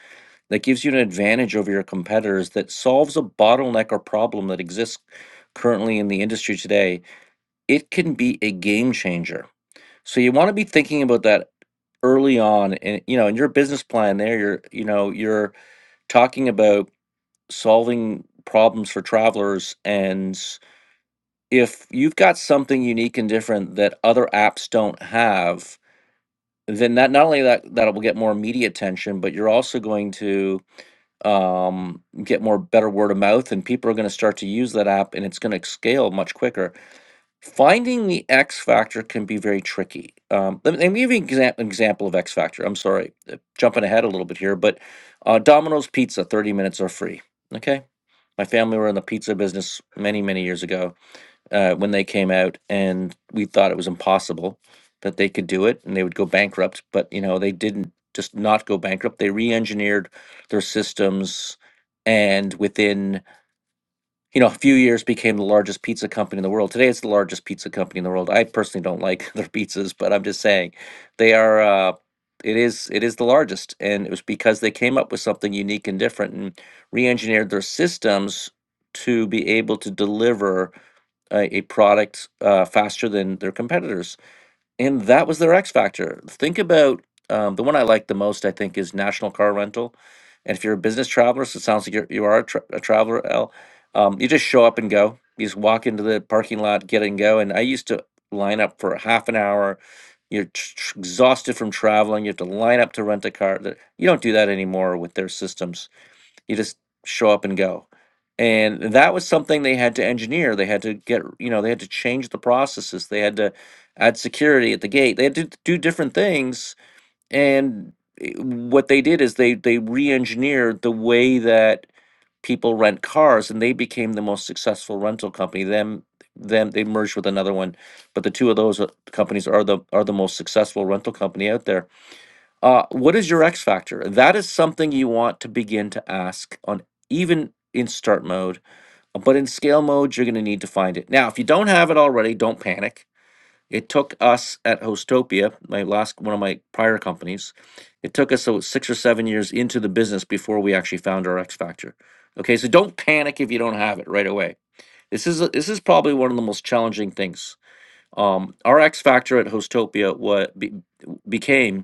that gives you an advantage over your competitors that solves a bottleneck or problem that exists currently in the industry today. It can be a game changer. So you want to be thinking about that early on and you know in your business plan there you're you know you're talking about solving problems for travelers and if you've got something unique and different that other apps don't have then that not only that that will get more media attention but you're also going to um, get more better word of mouth, and people are going to start to use that app, and it's going to scale much quicker. Finding the X factor can be very tricky. Um, let, me, let me give you an exa- example of X factor. I'm sorry, uh, jumping ahead a little bit here, but uh, Domino's Pizza, 30 minutes are free. Okay, my family were in the pizza business many, many years ago uh, when they came out, and we thought it was impossible that they could do it and they would go bankrupt. But you know, they didn't just not go bankrupt. They re-engineered their systems, and within you know a few years became the largest pizza company in the world. Today, it's the largest pizza company in the world. I personally don't like their pizzas, but I'm just saying they are. Uh, it is it is the largest, and it was because they came up with something unique and different and re-engineered their systems to be able to deliver a, a product uh, faster than their competitors. And that was their X factor. Think about um, the one I like the most, I think, is National Car Rental. And if you're a business traveler, so it sounds like you're, you are a, tra- a traveler, Al, um, you just show up and go. You just walk into the parking lot, get and go. And I used to line up for half an hour. You're tr- tr- exhausted from traveling. You have to line up to rent a car. Th- You don't do that anymore with their systems. You just show up and go. And that was something they had to engineer. They had to get, you know, they had to change the processes. They had to add security at the gate. They had to do different things. And i- what they did is they they re-engineered the way that people rent cars, and they became the most successful rental company. Them them they merged with another one, but the two of those uh, companies are the are the most successful rental company out there uh, what is your X factor? That is something you want to begin to ask on even in start mode, uh, but in scale mode, you're going to need to find it. Now, if you don't have it already, don't panic. It took us at Hostopia, my last one of my prior companies, it took us uh, six or seven years into the business before we actually found our X factor. Okay, so don't panic if you don't have it right away. This is a, this is probably one of the most challenging things. Um, our X factor at Hostopia what be, became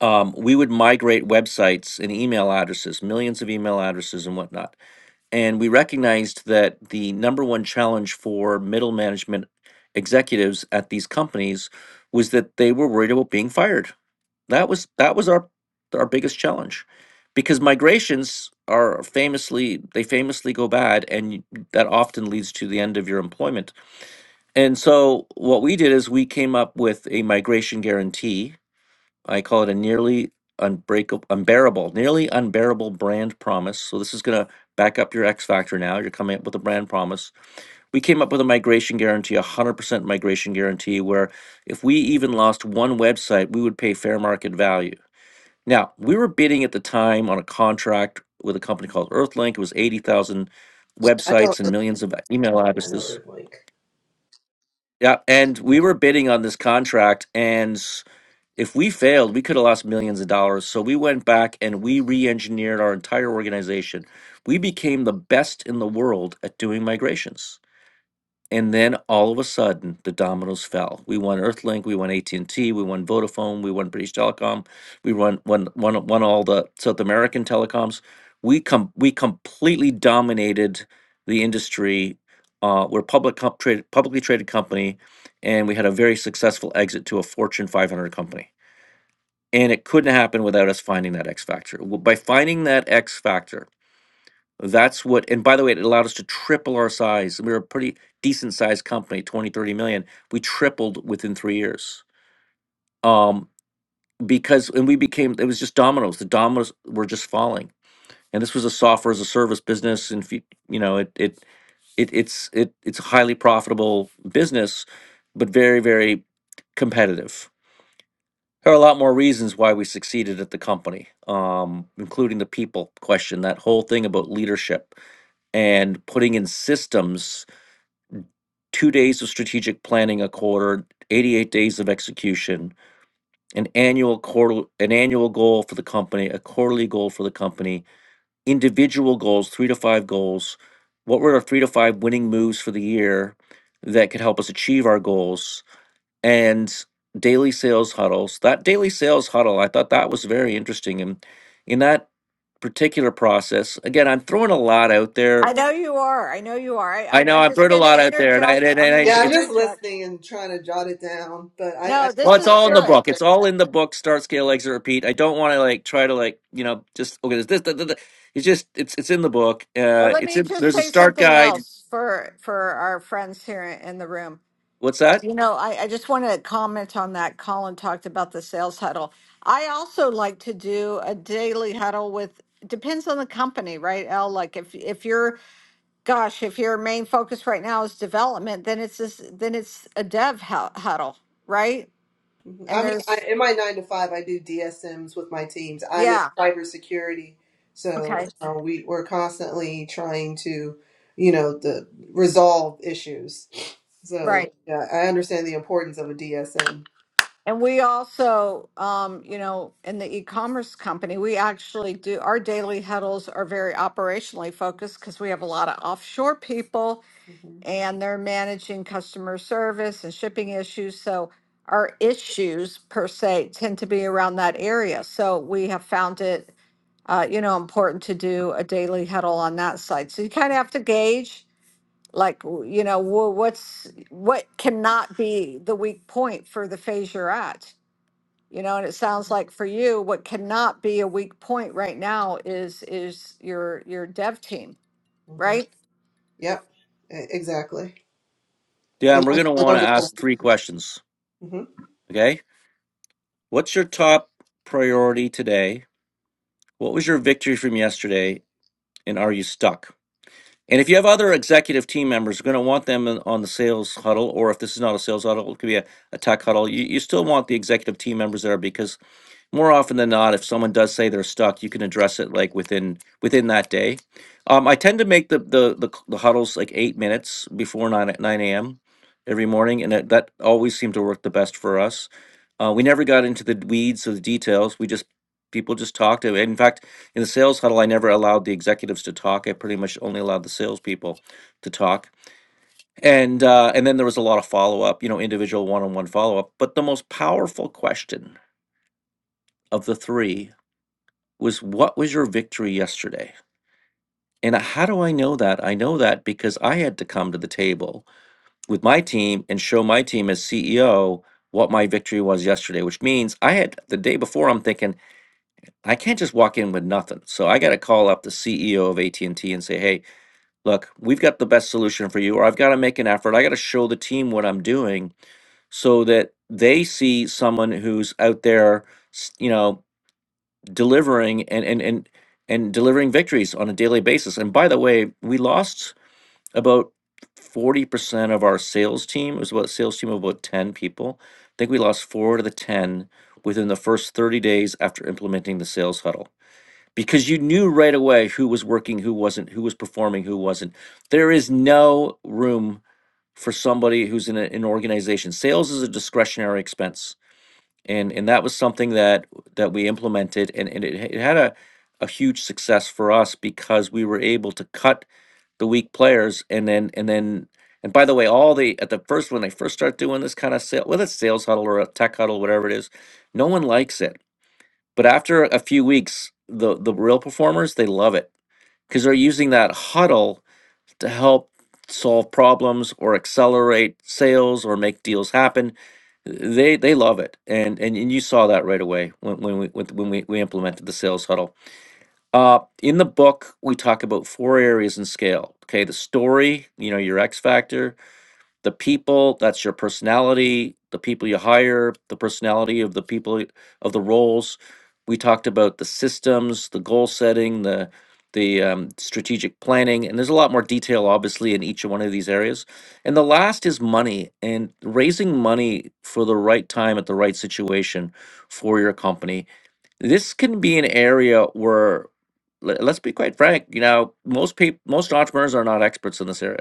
um, we would migrate websites and email addresses, millions of email addresses and whatnot. And we recognized that the number one challenge for middle management executives at these companies was that they were worried about being fired. That was that was our our biggest challenge because migrations are famously they famously go bad and you- that often leads to the end of your employment. And so what we did is we came up with a migration guarantee I call it a nearly unbreakable, unbearable, nearly unbearable brand promise. So this is going to back up your X factor now. You're coming up with a brand promise. We came up with a migration guarantee, a 100% migration guarantee, where if we even lost one website, we would pay fair market value. Now, we were bidding at the time on a contract with a company called Earthlink. It was 80,000
I know.
websites and millions of email
Yeah, I know
addresses.
Earthlink.
Yeah, and we were bidding on this contract and if we failed, we could have lost millions of dollars. So we went back and we re engineered our entire organization. We became the best in the world at doing migrations. And then all of a sudden, the dominoes fell. We won Earthlink, we won AT and T, we won Vodafone, we won British Telecom, we won won won, won all the South American telecoms. We com- we completely dominated the industry. Uh, we're a public comp- trade, publicly traded company, and we had a very successful exit to a Fortune 500 company and it couldn't happen without us finding that X factor. W- By finding that X factor, that's what, and by the way, it allowed us to triple our size. We were a pretty decent sized company, twenty, thirty million. We tripled within three years. Um, because, and we became, it was just dominoes. The dominoes were just falling. And this was a software as a service business. And, if you you know, it, it, it, it's, it, it's a highly profitable business, but very, very competitive There are a lot more reasons why we succeeded at the company, um, including the people question, that whole thing about leadership and putting in systems, two days of strategic planning a quarter, 88 days of execution, an annual quarter, an annual goal for the company, a quarterly goal for the company, individual goals, three to five goals. What were our three to five winning moves for the year that could help us achieve our goals? and daily sales huddles. That daily sales huddle, I thought that was very interesting. And in that particular process, again, I'm throwing a lot out there.
I know you are. I know you are. I,
I
I'm
know
I'm
I'm
just
throwing a
going
lot
to
out there, and I and, I-
interject.
and
I'm going
I
to
just
Yeah, I'm
it's
just
interject.
listening and trying to jot it down, but I,
No,
I I'm
well,
this
it's
is
not
all in
there
the
good.
quite.
book. It's all in the book. Start, scale, exit, repeat. I don't want to like try to like you know just okay. This, this, this, that, it's just it's it's in the book.
But
Uh,
let
it's
me
in
just
there's a
say
start
something
guide.
else for for our friends here in the room.
What's that?
You know, I, I just want to comment on that. Colin talked about the sales huddle. I also like to do a daily huddle with, depends on the company, right, L? Like if, if you're, gosh, if your main focus right now is development, then it's this, then it's a dev hu- huddle, right?
Mm-hmm.
And
I mean, I,
there's,
in my nine to five, I do DSMs with my teams. I'm in
yeah,
cybersecurity, so
okay,
uh, we we're constantly trying to, you know, the resolve issues. So
right.
yeah, I understand the importance of a DSM.
And we also, um, you know, in the e-commerce company, we actually do, our daily huddles are very operationally focused because we have a lot of offshore people
hmm
and they're managing customer service and shipping issues. So our issues per se tend to be around that area. So we have found it, uh, you know, important to do a daily huddle on that side. So you kind of have to gauge, like, w- you know, wh- what's what cannot be the weak point for the phase you're at. You know, and it sounds like for you, what cannot be a weak point right now is is your your dev team,
hmm
right?
Yep, e- exactly.
Yeah,
And
and we're gonna
they're
want to
wonderful.
ask three questions.
hmm
Okay, what's your top priority today? What was your victory from yesterday? and are you stuck? And if you have other executive team members, you're going to want them in- on the sales huddle, or if this is not a sales huddle, it could be a, a tech huddle. You, you still want the executive team members there because more often than not, if someone does say they're stuck, you can address it like within within that day. Um, I tend to make the, the the c- the huddles like eight minutes before nine at nine a.m. every morning, and that, that always seemed to work the best for us. Uh, we never got into the weeds of the details. We just people just talked. And In fact, in the sales huddle, I never allowed the executives to talk. I pretty much only allowed the salespeople to talk. And uh, and then there was a lot of follow up, you know, individual one on one follow up. But the most powerful question of the three was what was your victory yesterday? And how do I know that? I know that because I had to come to the table with my team and show my team as CEO what my victory was yesterday, which means I had the day before I'm thinking I can't just walk in with nothing. So I got to call up the CEO of AT&T and T and say, "Hey, look, we've got the best solution for you or I've got to make an effort. I got to show the team what I'm doing so that they see someone who's out there, s- you know, delivering and and and and delivering victories on a daily basis. And by the way, we lost about forty percent of our sales team. It was about a sales team of about ten people. I think we lost four out of the ten within the first thirty days after implementing the sales huddle because you knew right away who was working, who wasn't, who was performing, who wasn't. There is no room for somebody who's in a, an organization. Sales is a discretionary expense and and that was something that that we implemented and, and it, it had a a huge success for us because we were able to cut the weak players and then and then and by the way all the at the first when they first start doing this kind of sale whether it's sales huddle or a tech huddle whatever it is no one likes it but after a few weeks the the real performers they love it because they're using that huddle to help solve problems or accelerate sales or make deals happen. They they love it, and and, and you saw that right away when when we with- when we, we implemented the sales huddle. Uh, in the book, we talk about four areas in scale. Okay, the story, you know, your X factor, the people that's your personality the people you hire the personality of the people of the roles we talked about the systems the goal setting the the um, strategic planning and there's a lot more detail obviously in each one of these areas and the last is money and raising money for the right time at the right situation for your company this can be an area where le- let's be quite frank you know most people most entrepreneurs are not experts in this area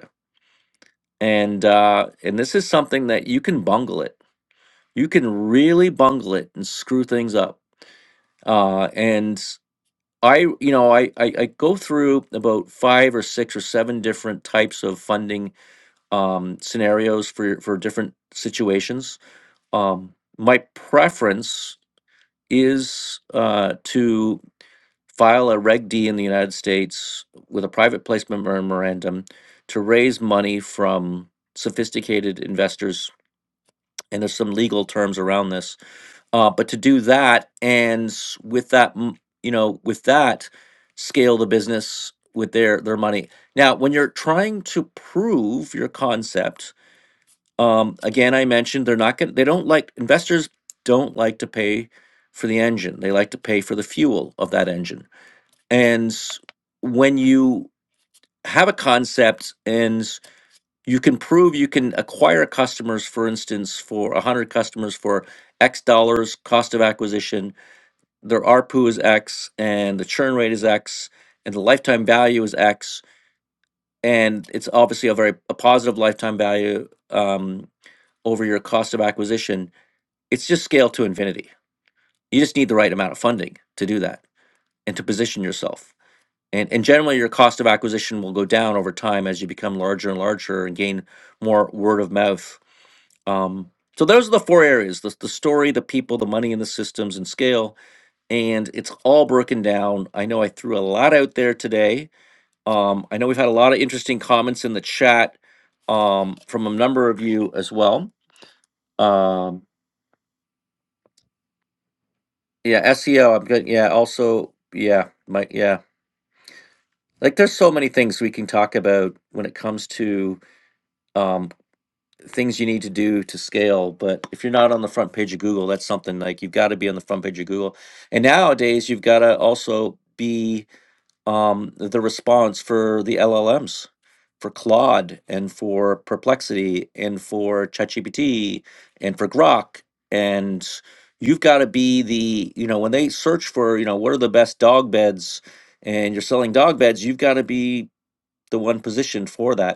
and uh, and this is something that you can bungle it. You can really bungle it and screw things up. Uh, and I, you know, I, I I go through about five or six or seven different types of funding um, scenarios for for different situations. Um, my preference is uh, to file a Reg D in the United States with a private placement memorandum to raise money from sophisticated investors and there's some legal terms around this. Uh, but to do that and s- with that, m- you know, with that, scale the business with their their money. Now, when you're trying to prove your concept, um, again, I mentioned they're not going. to They don't like investors. Don't like to pay for the engine. They like to pay for the fuel of that engine. And s- when you have a concept and you can prove you can acquire customers for instance for 100 customers for x dollars cost of acquisition their arpu is x and the churn rate is x and the lifetime value is x and it's obviously a very a positive lifetime value um, over your cost of acquisition it's just scale to infinity you just need the right amount of funding to do that and to position yourself and, and generally your cost of acquisition will go down over time as you become larger and larger and gain more word of mouth Um, so those are the four areas: the, the story, the people, the money, and the systems and scale. And it's all broken down. I know I threw a lot out there today. Um, I know we've had a lot of interesting comments in the chat um, from a number of you as well. Um, yeah, SEO. am good. Yeah, also, yeah, my yeah. Like, there's so many things we can talk about when it comes to um, things you need to do to scale. But if you're not on the front page of Google, that's something like you've got to be on the front page of Google. And nowadays, you've got to also be um, the response for the LLMs, for Claude, and for Perplexity, and for ChatGPT, and for Grok, and you've got to be the you know when they search for you know what are the best dog beds and you're selling dog beds you've got to be the one positioned for that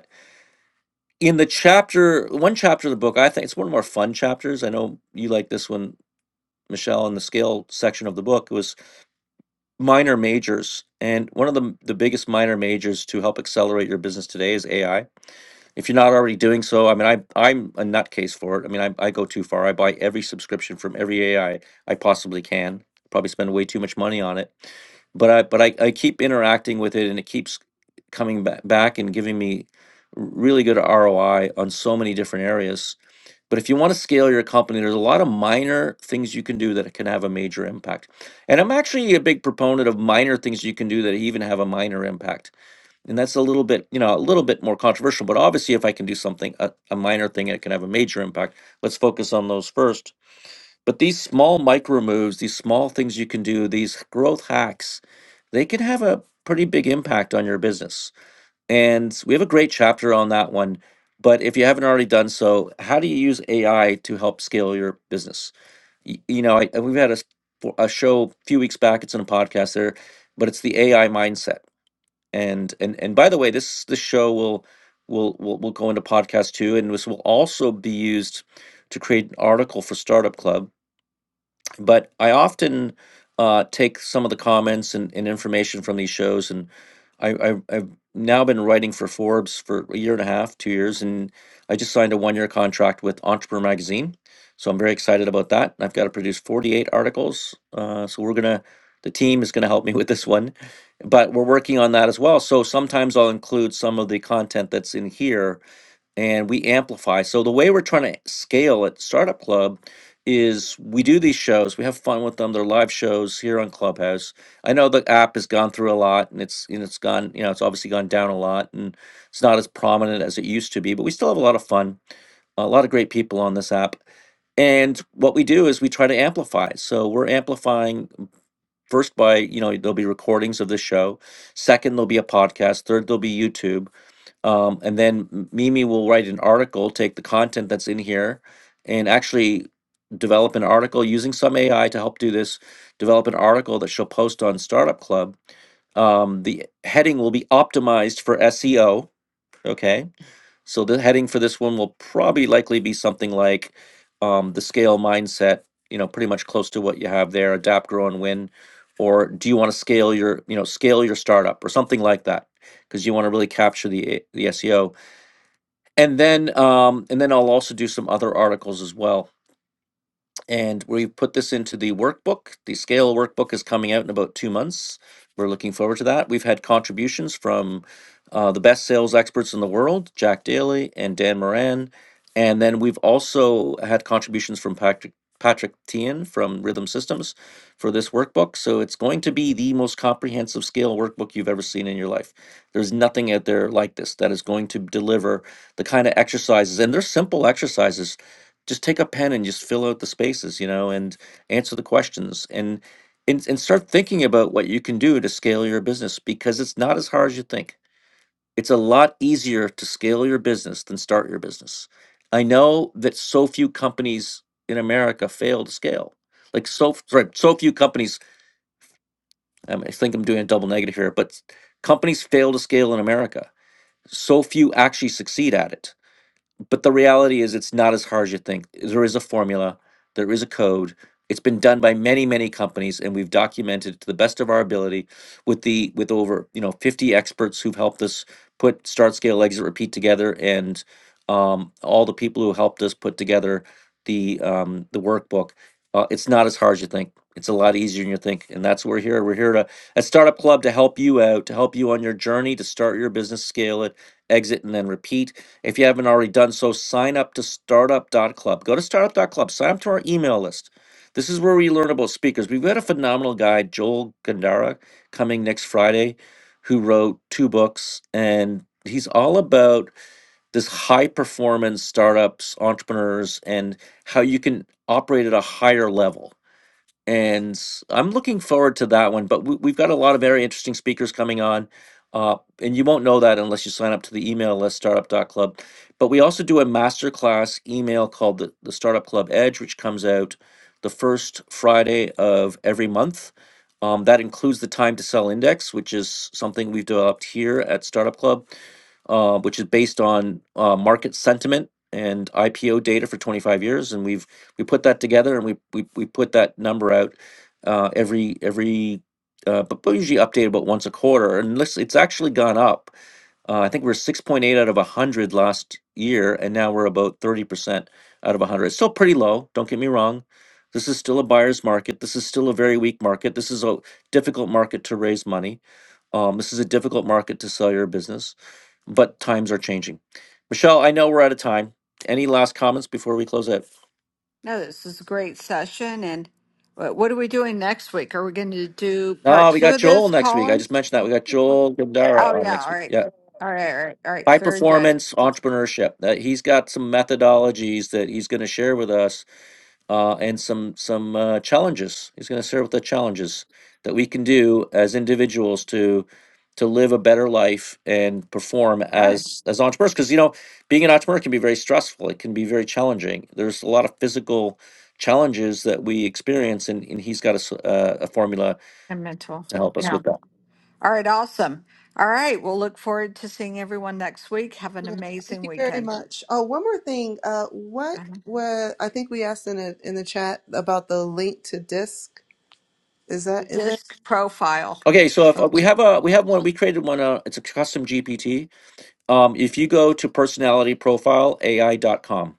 in the chapter one chapter of the book i think it's one of our fun chapters i know you like this one michelle in the scale section of the book it was minor majors and one of the, the biggest minor majors to help accelerate your business today is ai if you're not already doing so, I mean, I, I'm a nutcase for it. I mean, I, I go too far. I buy every subscription from every AI I I possibly can. Probably spend way too much money on it, but I but I, I keep interacting with it, and it keeps coming back back and giving me really good ROI on so many different areas. But if you want to scale your company, there's a lot of minor things you can do that can have a major impact. And I'm actually a big proponent of minor things you can do that even have a minor impact and that's a little bit you know a little bit more controversial but obviously if i can do something a, a minor thing it can have a major impact let's focus on those first but these small micro moves these small things you can do these growth hacks they can have a pretty big impact on your business and we have a great chapter on that one but if you haven't already done so how do you use ai to help scale your business Y- you know I, we've had a, s- a show a few weeks back it's in a podcast there but it's the ai mindset and and and by the way this this show will will will, will go into podcast too and this will also be used to create an article for startup club but I often uh, take some of the comments and, and information from these shows, and I, I, I've now been writing for Forbes for a year and a half, two years, and I just signed a one-year contract with Entrepreneur Magazine, so I'm very excited about that. I've got to produce 48 articles, uh, so we're gonna. The team is going to help me with this one, but we're working on that as well. So sometimes I'll include some of the content that's in here and we amplify. So the way we're trying to scale at Startup Club is we do these shows, we have fun with them. They're live shows here on Clubhouse. I know the app has gone through a lot and it's and it's gone, you know, it's obviously gone down a lot and it's not as prominent as it used to be, but we still have a lot of fun. A lot of great people on this app. And what we do is we try to amplify. So we're amplifying first by, you know, there'll be recordings of the show. Second, there'll be a podcast. Third, there'll be YouTube um, and then M- Mimi will write an article, take the content that's in here, and actually develop an article using some AI to help do this. Develop an article that she'll post on Startup Club. Um, the heading will be optimized for SEO. Okay, so the heading for this one will probably likely be something like um, the scale mindset. You know, pretty much close to what you have there. Adapt, grow, and win. Or do you want to scale your, you know, scale your startup or something like that? Because you want to really capture the the SEO and then um, and then I'll also do some other articles as well and we've put this into the workbook. The scale workbook is coming out in about two months. We're looking forward to that. We've had contributions from uh, the best sales experts in the world, Jack Daly and Dan Moran, and then we've also had contributions from Patrick Patrick Tian from Rhythm Systems for this workbook. So it's going to be the most comprehensive scale workbook you've ever seen in your life. There's nothing out there like this that is going to deliver the kind of exercises, and they're simple exercises just take a pen and just fill out the spaces, you know, and answer the questions and and, and start thinking about what you can do to scale your business because it's not as hard as you think. It's a lot easier to scale your business than start your business. I know that so few companies in America fail to scale. Like so f- sorry, so few companies um, I think I'm doing a double negative here, but s- companies fail to scale in America. So few actually succeed at it but the reality is it's not as hard as you think there is a formula there is a code it's been done by many many companies and we've documented to the best of our ability with the with over you know 50 experts who've helped us put start scale exit repeat together and um, all the people who helped us put together the um, the workbook uh, it's not as hard as you think it's a lot easier than you think and that's what we're here we're here to at startup club to help you out to help you on your journey to start your business scale it exit and then repeat if you haven't already done so, sign up to Startup dot Club. Go to Startup dot Club. sign up to our email list. This is where we learn about speakers. We've got a phenomenal guy, Joel Gandara, coming next Friday, who wrote two books. And he's all about this high performance startups, entrepreneurs, and how you can operate at a higher level and i I'm looking forward to that one. But we, we've got a lot of very interesting speakers coming on, uh, and you won't know that unless you sign up to the email list, Startup dot Club. But we also do a masterclass email called the, the Startup Club Edge, which comes out the first Friday of every month. Um, that includes the time to sell index, which is something we've developed here at Startup Club uh, which is based on uh, market sentiment and IPO data for 25 years. And we've we put that together and we we, we put that number out uh, every every uh, but, but usually updated about once a quarter and let's, it's actually gone up uh, i think we are 6.8 out of 100 last year and now we're about 30% out of 100 it's still pretty low don't get me wrong this is still a buyer's market this is still a very weak market this is a difficult market to raise money um, this is a difficult market to sell your business but times are changing michelle i know we're out of time any last comments before we close out
No, this is a great session. And what, what are we doing next week? Are we going to do part
No, we
two
got
of
Joel
this,
next week. I
Colin?
just mentioned that we got Joel
Oh,
Gandara on
yeah.
next
All
week.
right.
Yeah,
All right. All right. All right.
high
Very good.
performance entrepreneurship. That he's got some methodologies that he's going to share with us, uh, and some some uh, challenges. He's going to share with the challenges that we can do as individuals to to live a better life and perform
All right.
as as entrepreneurs. Because you know, being an entrepreneur can be very stressful. It can be very challenging. There's a lot of physical challenges that we experience, and, and he's got a, s- uh, a formula
And mental.
to help us
Yeah.
with that.
All right. Awesome. All right. We'll look forward to seeing everyone next week. Have an
Yeah, thank
amazing
you very
weekend.
much. Oh, one more thing. Uh, what
Uh-huh.
was I think we asked in a, in the chat about the link to disk? Is that in there?
Disc profile.
Okay, so if uh,
Okay,
we have a we have one, we created one. Uh, it's a custom GPT. Um, if you go to personalityprofileai.com,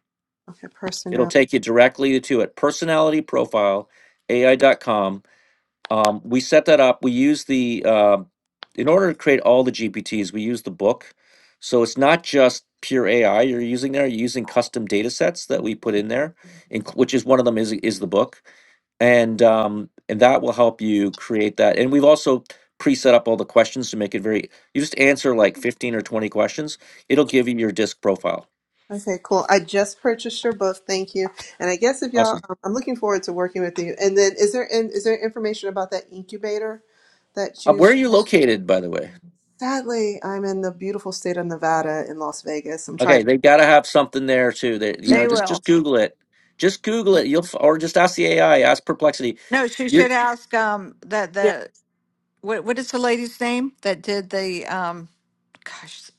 okay personnel.
it'll take you directly to it. Personalityprofileai.com. Um, we set that up. We use the uh, in order to create all the GPTs, we use the book. So it's not just pure AI you're using there. You're using custom data sets that we put in there, inc- which is one of them is is the book, and um, and that will help you create that. And we've also pre-set up all the questions to make it very. You just answer like 15 or 20 questions. It'll give you your disk profile.
Okay, cool. I just purchased your book. Thank you. And I guess if y'all,
Awesome.
um, I'm looking forward to working with you. And then, is there in, is there information about that incubator that
Uh,
you?
where are you located, by the way?
Sadly, I'm in the beautiful state of Nevada in Las Vegas. I'm trying.
Okay, they got to have something there too. That you know,
They
just
will.
just Google it. Just Google it. You'll f- or just ask the AI. Ask Perplexity.
No, she
Your
should ask um that
Yeah,
the what what is the lady's name that did the um gosh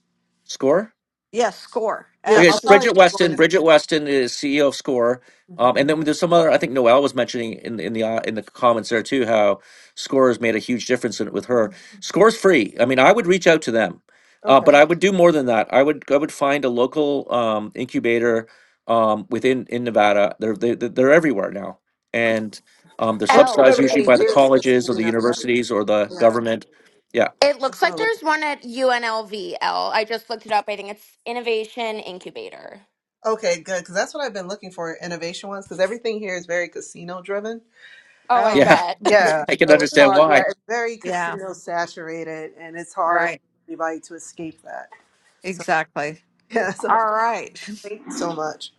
score.
yes score
yeah.
Okay, it's
I'll
S
probably
Bridget
end up going
Weston.
to
Bridget
sport.
Weston is CEO of Score. Um,
hmm
and then there's some other. I think Noelle was mentioning in in the uh, in the comments there too how Score has made a huge difference in, with her. Score's free. I mean, I would reach out to them, uh,
Okay.
but I would do more than that. I would I would find a local um, incubator um, within in Nevada. They're they, they're they're everywhere now, and um, they're
Most of
L.
subsidized usually
everything
by the
here is
colleges or the
casino. That's
universities or the
yeah.
government. Yeah,
It looks
That's all. I'm
like there's
looking-
one at UNLV, L. V L. I just looked it up. I think it's Innovation Incubator.
Okay, good. Because that's what I've been looking for innovation ones. Because everything here is very casino driven.
Oh, I
oh
yeah,
bet.
Yeah,
I can
so it's hard.
understand
Yeah, it's very
yeah
casino saturated, and it's hard
Right.
for anybody to escape that. So
Exactly.
yeah, so
All right.
thank you so much.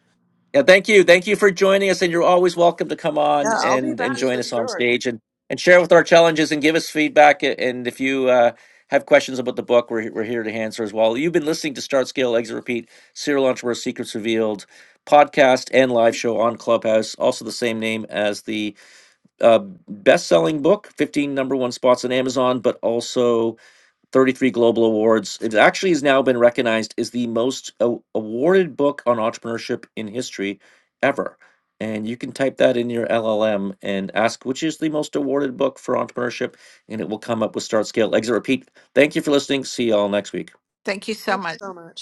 Yeah, thank you. Thank you for joining us. And you're always welcome to come
Yeah,
on
I'll be
and,
back
and join
for
us on
sure.
stage and, and share with our challenges and give us feedback. A- And if you uh, have questions about the book, we're, we're here to answer as well. You've been listening to Start Scale, Exit Repeat, Serial Entrepreneur Secrets Revealed podcast and live show on Clubhouse, also the same name as the uh, best selling book, 15 number one spots on Amazon, but also 33 global awards. It actually has now been recognized as the most a- awarded book on entrepreneurship in history ever. And you can type that in your LLM and ask which is the most awarded book for entrepreneurship, and it will come up with Start, Scale, Exit, Repeat. Thank you for listening. See you all next week.
Thank you so
Thank
much.
you so much.